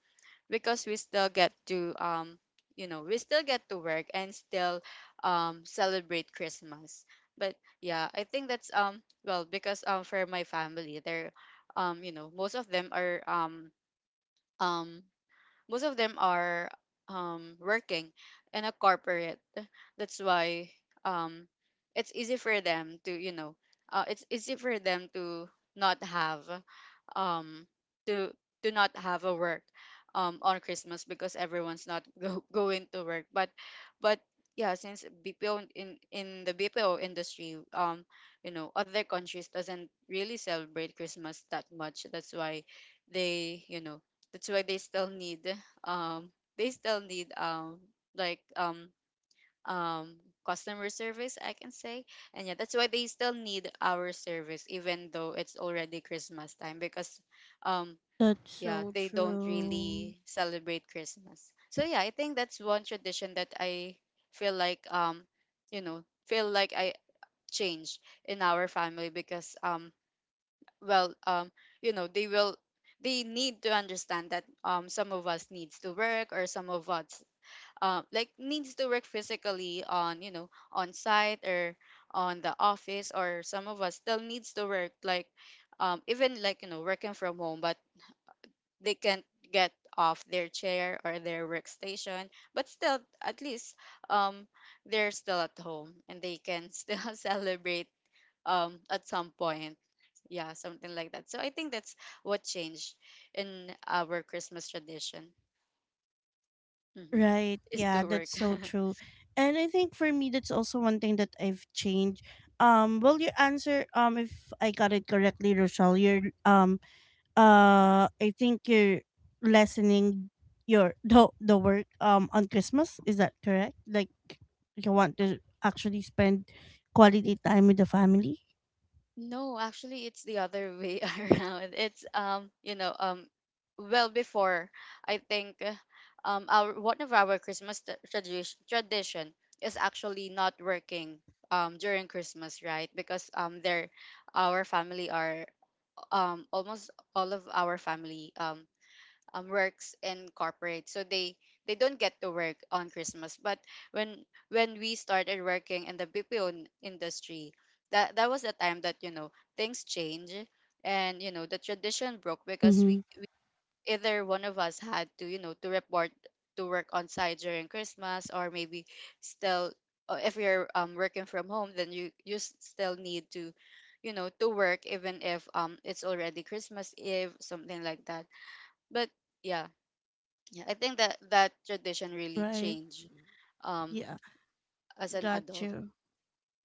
Speaker 2: because we still get to you know, we still get to work and still celebrate Christmas. But yeah, I think that's well, because for my family, they're you know, most of them are um most of them are working in a corporate. That's why um, it's easy for them to, you know, it's easy for them to not have um to to not have a work on Christmas, because everyone's not go, going to work. But yeah, since BPO in in the BPO industry, you know, other countries doesn't really celebrate Christmas that much. That's why they you know, that's why they still need um they still need um like um customer service, I can say. And yeah, that's why they still need our service even though it's already Christmas time, because um
Speaker 1: That's
Speaker 2: yeah,
Speaker 1: so
Speaker 2: they don't
Speaker 1: true.
Speaker 2: really celebrate Christmas. So yeah, I think that's one tradition that I feel like you know, feel like I change in our family, because well, you know, they will, they need to understand that some of us needs to work, or some of us like needs to work physically on you know, on site, or on the office, or some of us still needs to work like even like you know, working from home, but they can't get off their chair or their workstation. But still, at least um they're still at home and they can still celebrate at some point. Yeah, something like that. So I think that's what changed in our Christmas tradition. Hmm.
Speaker 1: Right.
Speaker 2: Is to
Speaker 1: Yeah,
Speaker 2: work.
Speaker 1: that's so true. And I think for me that's also one thing that I've changed. Well your answer if I got it correctly, Rochelle, you're I think you're lessening your the work on Christmas. Is that correct? Like you want to actually spend quality time with the family?
Speaker 2: No, actually, it's the other way around. It's you know, well, before I think, our, one of our Christmas tradition is actually not working during Christmas, right? Because our family are almost all of our family works in corporate, so they don't get to work on Christmas. But when when we started working in the BPO industry, that was the time that, you know, things change. And you know, the tradition broke because we,
Speaker 1: Mm-hmm.
Speaker 2: we either one of us had to, you know, to report to work on site during Christmas. Or maybe still, if you're working from home, then you still need to, you know, to work even if it's already Christmas eve, something like that. But yeah, yeah, I think that that tradition really
Speaker 1: Right.
Speaker 2: changed um
Speaker 1: Yeah.
Speaker 2: as an
Speaker 1: Got
Speaker 2: adult.
Speaker 1: you.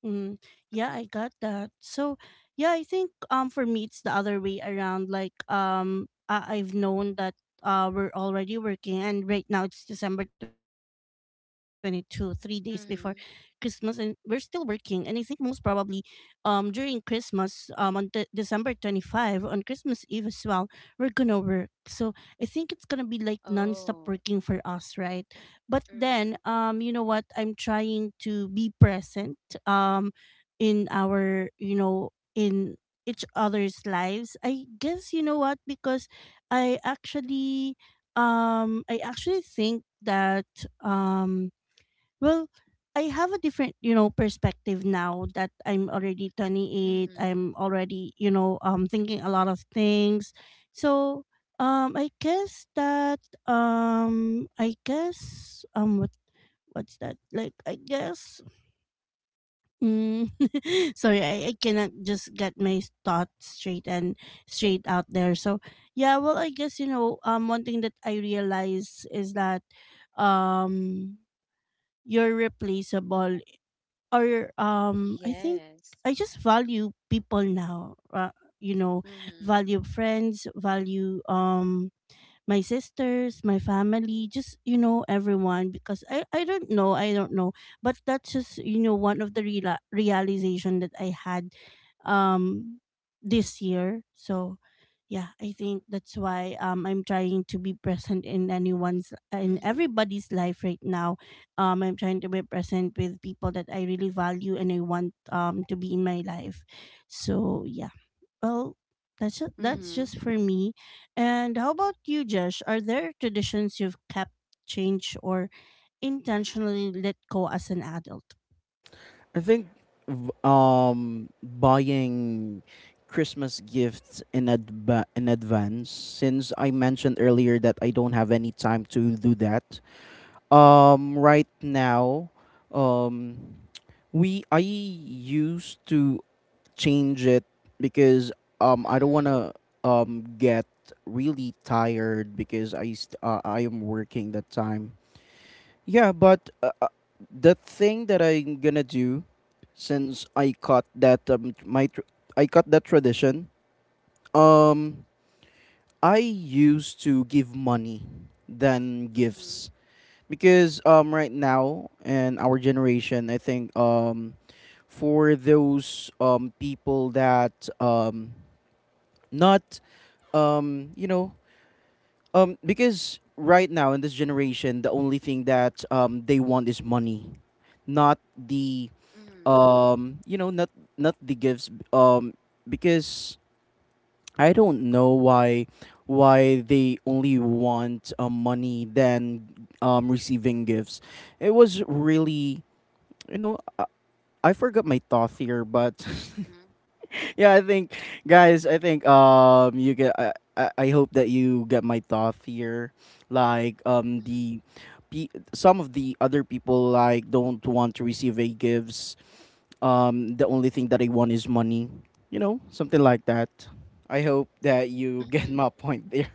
Speaker 1: Mm, yeah,
Speaker 2: Mm-hmm.
Speaker 1: I got that. So, yeah, I think for me it's the other way around. Like I've known that we're already working, and right now it's December 22, 3 days before Christmas, and we're
Speaker 2: Mm-hmm.
Speaker 1: still working. And I think most probably, during Christmas, on de- December 25, on Christmas Eve as well, we're gonna work. So I think it's gonna be like nonstop
Speaker 2: Oh.
Speaker 1: working for us, right? But
Speaker 2: Mm-hmm.
Speaker 1: then, you know what? I'm trying to be present um, in our, you know, in each other's lives. I guess, you know what? Because I actually, I actually think that, um, well, I have a different, you know, perspective now that I'm already 28.
Speaker 2: Mm-hmm.
Speaker 1: I'm already, you know, thinking a lot of things. So, I guess that I guess what what's that? Like I guess mm, sorry, I cannot just get my thoughts straight and straight out there. So, yeah, well, I guess you know, one thing that I realize is that um you're replaceable or I think
Speaker 2: Yes.
Speaker 1: I just value people now. You know,
Speaker 2: Mm-hmm.
Speaker 1: value friends, value my sisters, my family, just you know everyone because I don't know, I don't know, but that's just you know one of the reala- realization that I had um this year. So yeah, I think that's why I'm trying to be present in anyone's in
Speaker 2: Mm-hmm.
Speaker 1: everybody's life right now. I'm trying to be present with people that I really value and I want to be in my life. So yeah. Well, that's ju- that's just
Speaker 2: Mm-hmm.
Speaker 1: for me. And how about you, Josh? Are there traditions you've kept, changed, or intentionally let go as an adult?
Speaker 3: I think buying Christmas gifts in advance, since I mentioned earlier that I don't have any time to do that. Right now, um we I used to change it because I don't wanna get really tired, because I am working that time. Yeah, but the thing that I'm gonna do, since I caught that, I caught that tradition. Um, I used to give money than gifts,
Speaker 2: Mm-hmm.
Speaker 3: because right now in our generation, I think for those people that not, um you know because right now in this generation, the only thing that they want is money, not the,
Speaker 2: Mm-hmm.
Speaker 3: um you know not not the gifts. Because I don't know why they only want money than receiving gifts. It was really, you know i, I forgot my thought here, but
Speaker 2: Mm-hmm.
Speaker 3: yeah, I think, guys, I think you get. I hope that you get my thought here. Like um
Speaker 2: Mm-hmm.
Speaker 3: the, some of the other people like don't want to receive a gifts. The only thing that they want is money. You know, something like that. I hope that you get
Speaker 2: Mm-hmm.
Speaker 3: my point there.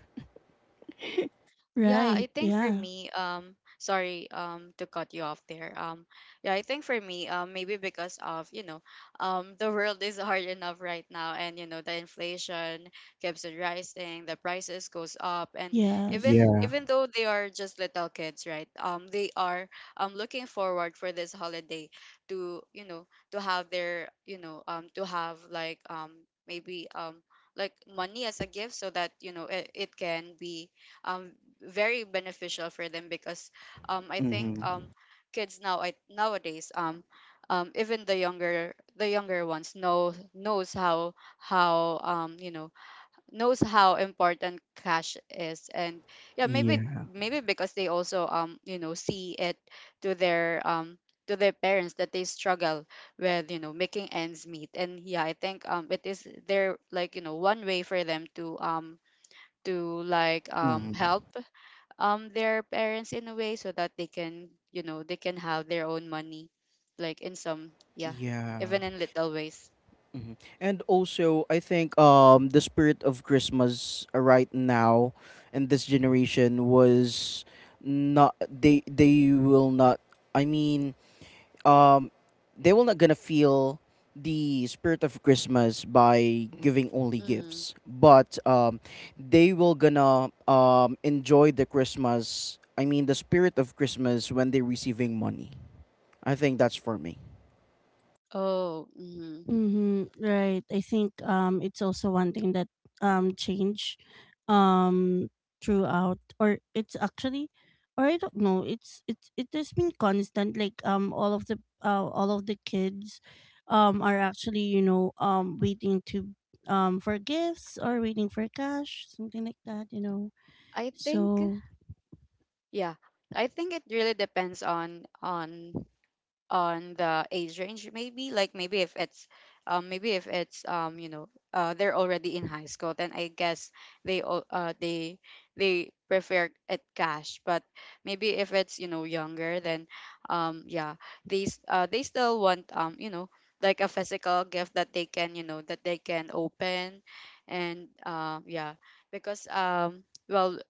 Speaker 2: Yeah,
Speaker 1: Right.
Speaker 2: I think for
Speaker 1: Yeah.
Speaker 2: me, sorry, to cut you off there. Yeah, I think for me, maybe because of, you know, the world is hard enough right now, and you know, the inflation keeps on rising, the prices goes up, and even
Speaker 1: Yes.
Speaker 3: Yeah.
Speaker 2: even though they are just little kids, right? They are looking forward for this holiday to, you know, to have their, you know, to have like maybe like money as a gift, so that you know it can be um very beneficial for them. Because I think
Speaker 3: Mm-hmm.
Speaker 2: kids now, I nowadays, even the younger ones knows how, um, you know, knows how important cash is. And yeah, maybe
Speaker 3: Yeah.
Speaker 2: maybe because they also, um, you know, see it to their, um, to their parents, that they struggle with, you know, making ends meet. And yeah, I think, um, it is their, like, you know, one way for them to, um, to like, um, help,
Speaker 3: Mm-hmm.
Speaker 2: um, their parents in a way, so that they can, you know, they can have their own money, like in some, yeah,
Speaker 3: Yeah.
Speaker 2: even in little ways.
Speaker 3: Mhm. And also, I think, the spirit of Christmas right now in this generation was not, they will not. I mean, um, they will not gonna feel the spirit of Christmas by giving only
Speaker 2: Mm-hmm.
Speaker 3: gifts, but, they will gonna, enjoy the Christmas. I mean, the spirit of Christmas when they're receiving money. I think that's for me.
Speaker 2: Oh, mm-hmm.
Speaker 1: Mm-hmm. Right. I think it's also one thing that change um throughout or it's actually or I don't know, it's it has been constant. Like all of the kids are actually, you know, waiting to for gifts or waiting for cash, something like that, you know.
Speaker 2: i think
Speaker 1: So
Speaker 2: yeah i think it really depends on on the age range. Maybe, like, maybe if it's, um, maybe if it's, um, you know, uh, they're already in high school, then I guess they all they prefer it cash. But maybe if it's, you know, younger, then, um, yeah, uh, they still want, um, you know, like a physical gift that they can, you know, that they can open. And uh, yeah, because, um, well,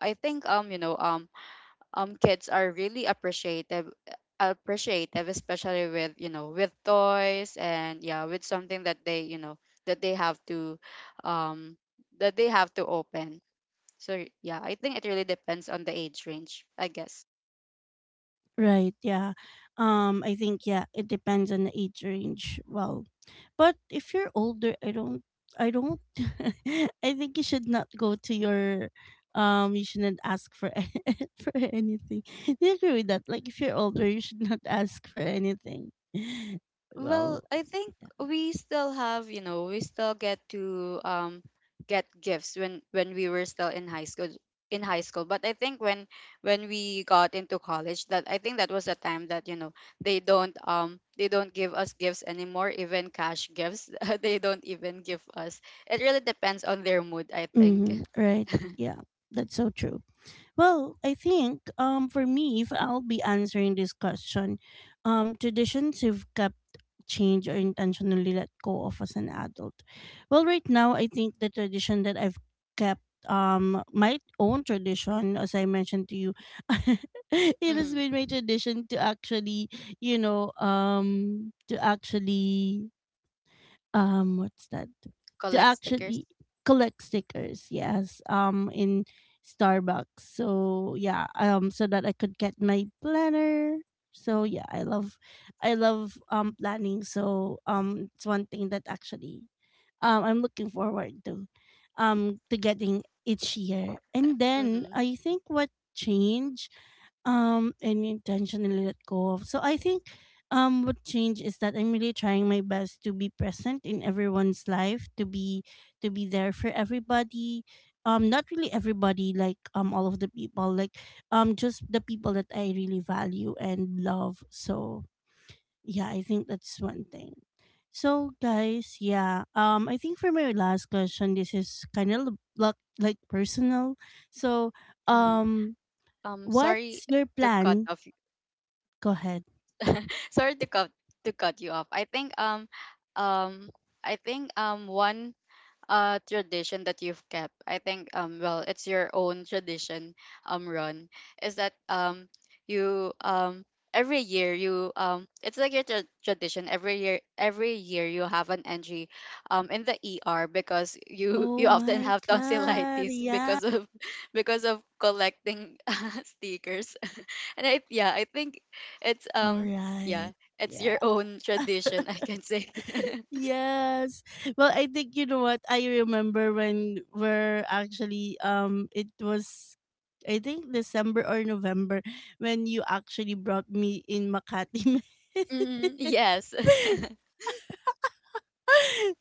Speaker 2: I think, um, you know, um, um, kids are really appreciative, especially with, you know, with toys, and yeah, with something that they, you know, that they have to um that they have to open. So yeah, I think it really depends on the age range, I guess.
Speaker 1: right, yeah. I think yeah, it depends on the age range. Well, but if you're older, I don't I think you should not go to your you shouldn't ask for for anything. Do you agree with that? Like if you're older, you should not ask for anything.
Speaker 2: Well,
Speaker 1: Well,
Speaker 2: I think
Speaker 1: yeah.
Speaker 2: we still have, you know, we still get to, um, get gifts when we were still in high school in high school. But I think when we got into college, that I think that was a time that, you know, they don't, um, they don't give us gifts anymore, even cash gifts. They don't even give us. It really depends on their mood, I think.
Speaker 1: Mm-hmm, right. Yeah. That's so true. Well, I think for me, if I'll be answering this question, traditions you've kept change or intentionally let go of as an adult. Well, right now I think the tradition that I've kept my own tradition as I mentioned to you it has been
Speaker 2: Mm-hmm.
Speaker 1: my tradition to actually to actually what's that to
Speaker 2: Collect stickers.
Speaker 1: actually collect stickers yes in Starbucks, so yeah, so that I could get my planner. So yeah, I love planning. So it's one thing that actually I'm looking forward to getting each year. And then
Speaker 2: Mm-hmm.
Speaker 1: I think what change and intentionally let go of. So I think what change is that I'm really trying my best to be present in everyone's life, to be there for everybody. Not really everybody like all of the people, like just the people that I really value and love. So yeah, I think that's one thing. So, guys, yeah, I think for my last question, this is kind of like personal. So,
Speaker 2: Mm-hmm.
Speaker 1: um,
Speaker 2: Sorry
Speaker 1: what's your
Speaker 2: to cut
Speaker 1: plan?
Speaker 2: off.
Speaker 1: Go ahead.
Speaker 2: Sorry to cut you off. I think, um, um, I think, um, one, uh, tradition that you've kept, I think, um, well, it's your own tradition, um, Ron, is that, um, you, um, every year you, um, it's like your tradition, every year, every year, you have an entry, um, in the ER because you,
Speaker 1: Oh
Speaker 2: you often
Speaker 1: my
Speaker 2: have
Speaker 1: God.
Speaker 2: tonsillitis
Speaker 1: Yeah.
Speaker 2: because of because of collecting stickers. And I, yeah, I think it's,
Speaker 1: All
Speaker 2: um,
Speaker 1: right.
Speaker 2: yeah, it's your
Speaker 1: Yeah.
Speaker 2: own tradition, I can say.
Speaker 1: Yes. Well, I think you know what I remember when we're actually it was I think December or November when you actually brought me in Makati.
Speaker 2: Hmm, yes,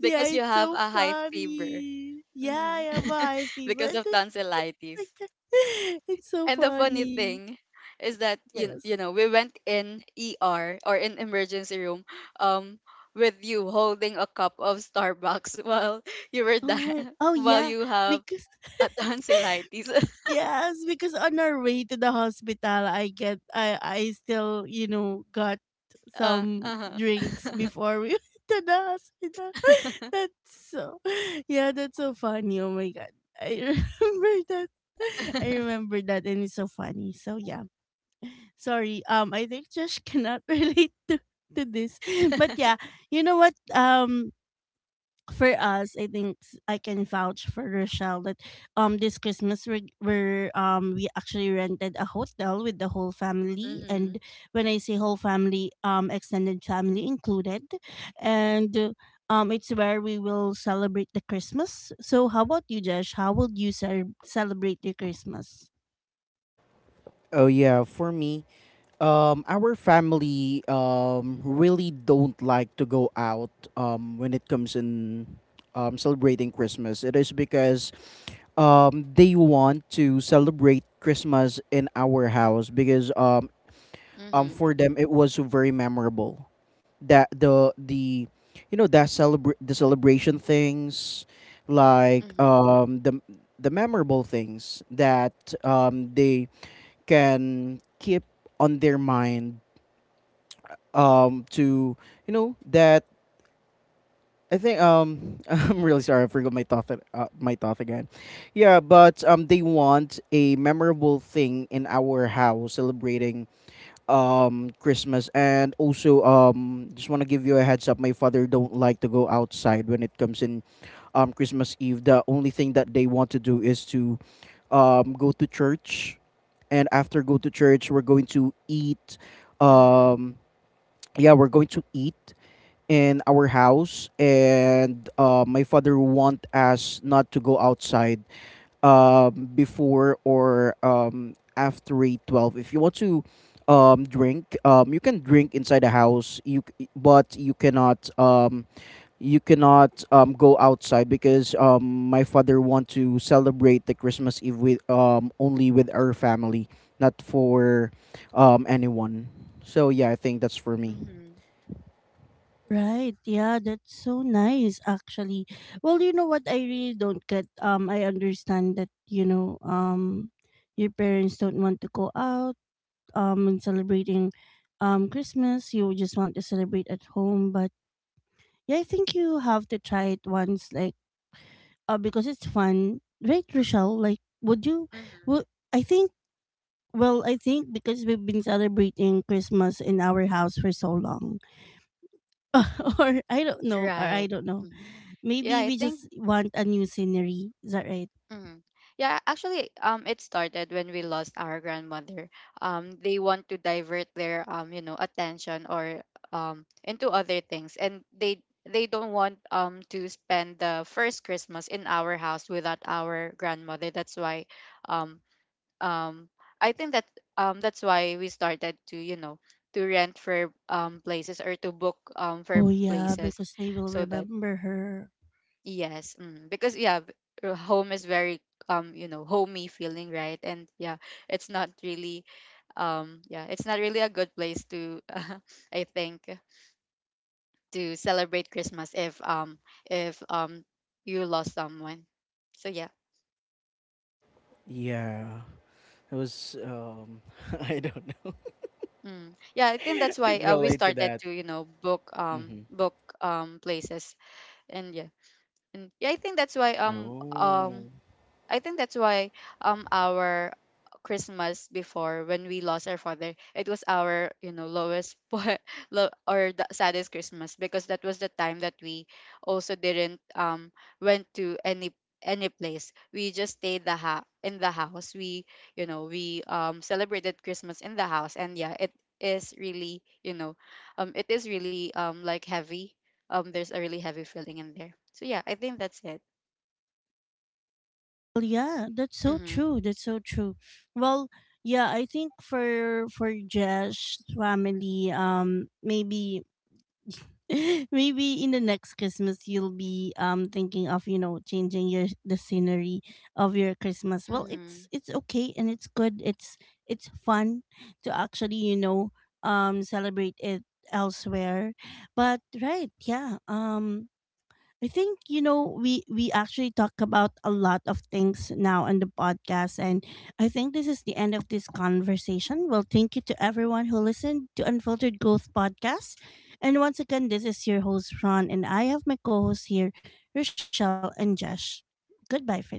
Speaker 1: Yeah,
Speaker 2: you
Speaker 1: it's
Speaker 2: have
Speaker 1: so
Speaker 2: a high fever.
Speaker 1: funny. Yeah,
Speaker 2: Mm-hmm.
Speaker 1: yeah, my
Speaker 2: Because
Speaker 1: favorite.
Speaker 2: of
Speaker 1: Oh
Speaker 2: tonsillitis.
Speaker 1: my. It's so
Speaker 2: And the funny
Speaker 1: funny.
Speaker 2: thing is that you you
Speaker 1: Yes.
Speaker 2: know we went in ER or in emergency room, um, with you holding a cup of Starbucks while you were
Speaker 1: Oh my. Oh
Speaker 2: while
Speaker 1: yeah,
Speaker 2: you have
Speaker 1: because
Speaker 2: a tonsillitis.
Speaker 1: yes, because on our way to the hospital, I get I still you know got
Speaker 2: Uh,
Speaker 1: some drinks
Speaker 2: uh-huh.
Speaker 1: before we went to the hospital. That's so yeah, that's so funny. Oh my god, I remember that. I remember that, and it's so funny. So yeah. Sorry, I think Josh cannot relate to this but yeah you know what for us I think s- I can vouch for Rochelle that this Christmas we actually rented a hotel with the whole family,
Speaker 2: Mhm.
Speaker 1: and when I say whole family, extended family included. And it's where we will celebrate the Christmas. So how about you, Josh? How will you ce- celebrate your Christmas?
Speaker 3: Oh yeah, for me, our family really don't like to go out when it comes in celebrating Christmas. It is because they want to celebrate Christmas in our house, because
Speaker 2: Mhm.
Speaker 3: for them it was very memorable, that the you know that celebrate the celebration things, like
Speaker 2: Mhm.
Speaker 3: the memorable things that they can keep on their mind to, you know, that I think, I'm really sorry, I forgot my my thought again. Yeah, but they want a memorable thing in our house, celebrating Christmas. And also just want to give you a heads up, my father don't like to go outside when it comes in Christmas Eve. The only thing that they want to do is to go to church, and after go to church, we're going to eat,
Speaker 2: Mhm.
Speaker 3: um yeah, we're going to eat in our house. And my father want us not to go outside before, or after eight 12. If you want to drink, you can drink inside the house, but you cannot go outside, because my father want to celebrate the Christmas Eve with, only with our family, not for anyone. So yeah, I think that's for me.
Speaker 2: Mhm.
Speaker 1: Right. Yeah, that's so nice actually. Well, you know what I really don't get. I understand that, you know, your parents don't want to go out and celebrating Christmas. You just want to celebrate at home, but yeah, I think you have to try it once like because it's fun. Right, Rochelle? Like would you
Speaker 2: Mhm.
Speaker 1: would I think well, I think because we've been celebrating Christmas in our house for so long or I don't know, or
Speaker 2: Right.
Speaker 1: I don't know.
Speaker 2: Mhm. Yeah,
Speaker 1: Maybe
Speaker 2: I
Speaker 1: we
Speaker 2: think.
Speaker 1: just want a new scenery. Is that right?
Speaker 2: Mm. Yeah, actually, it started when we lost our grandmother. They want to divert their, you know, attention or, um, into other things, and they don't want, um, to spend the first Christmas in our house without our grandmother. That's why, um, um, I think that, um, that's why we started to, you know, to rent for, um, places or to book, um, for
Speaker 1: Oh yeah,
Speaker 2: places,
Speaker 1: because they will
Speaker 2: so that.
Speaker 1: remember her.
Speaker 2: Yes, mm, because yeah, home is very, um, you know, homey feeling, right? And yeah, it's not really, um, yeah, it's not really a good place to I think to celebrate Christmas if, um, if, um, you lost someone. So yeah.
Speaker 3: Yeah. It was I don't know.
Speaker 2: Mm. Yeah, I think that's why,
Speaker 3: Can
Speaker 2: we
Speaker 3: relate to
Speaker 2: started
Speaker 3: that.
Speaker 2: to, you know,
Speaker 3: Mm-hmm.
Speaker 2: book, um, places and yeah. And yeah, I think that's why, um, um,
Speaker 3: Oh.
Speaker 2: I think that's why, um, our Christmas before when we lost our father, it was our, you know, lowest low or the saddest Christmas, because that was the time that we also didn't, um, went to any place. We just stayed in the house. We, you know, we, um, celebrated Christmas in the house. And yeah, it is really, you know, um, it is really, um, like heavy, um, there's a really heavy feeling in there. So yeah, I think that's it.
Speaker 1: Well, yeah, that's so
Speaker 2: Mm-hmm.
Speaker 1: true. That's so true. Well, yeah, I think for Jesh's family, maybe maybe in the next Christmas you'll be thinking of you know changing your the scenery of your Christmas. Well,
Speaker 2: Mm-hmm.
Speaker 1: it's okay and it's good. It's fun to actually you know celebrate it elsewhere. But right, yeah. I think you know we actually talk about a lot of things now on the podcast and I think this is the end of this conversation. Well, thank you to everyone who listened to Unfiltered Growth podcast. And once again, this is your host Ron and I have my co-hosts here, Rochelle and Jesh. Goodbye for now.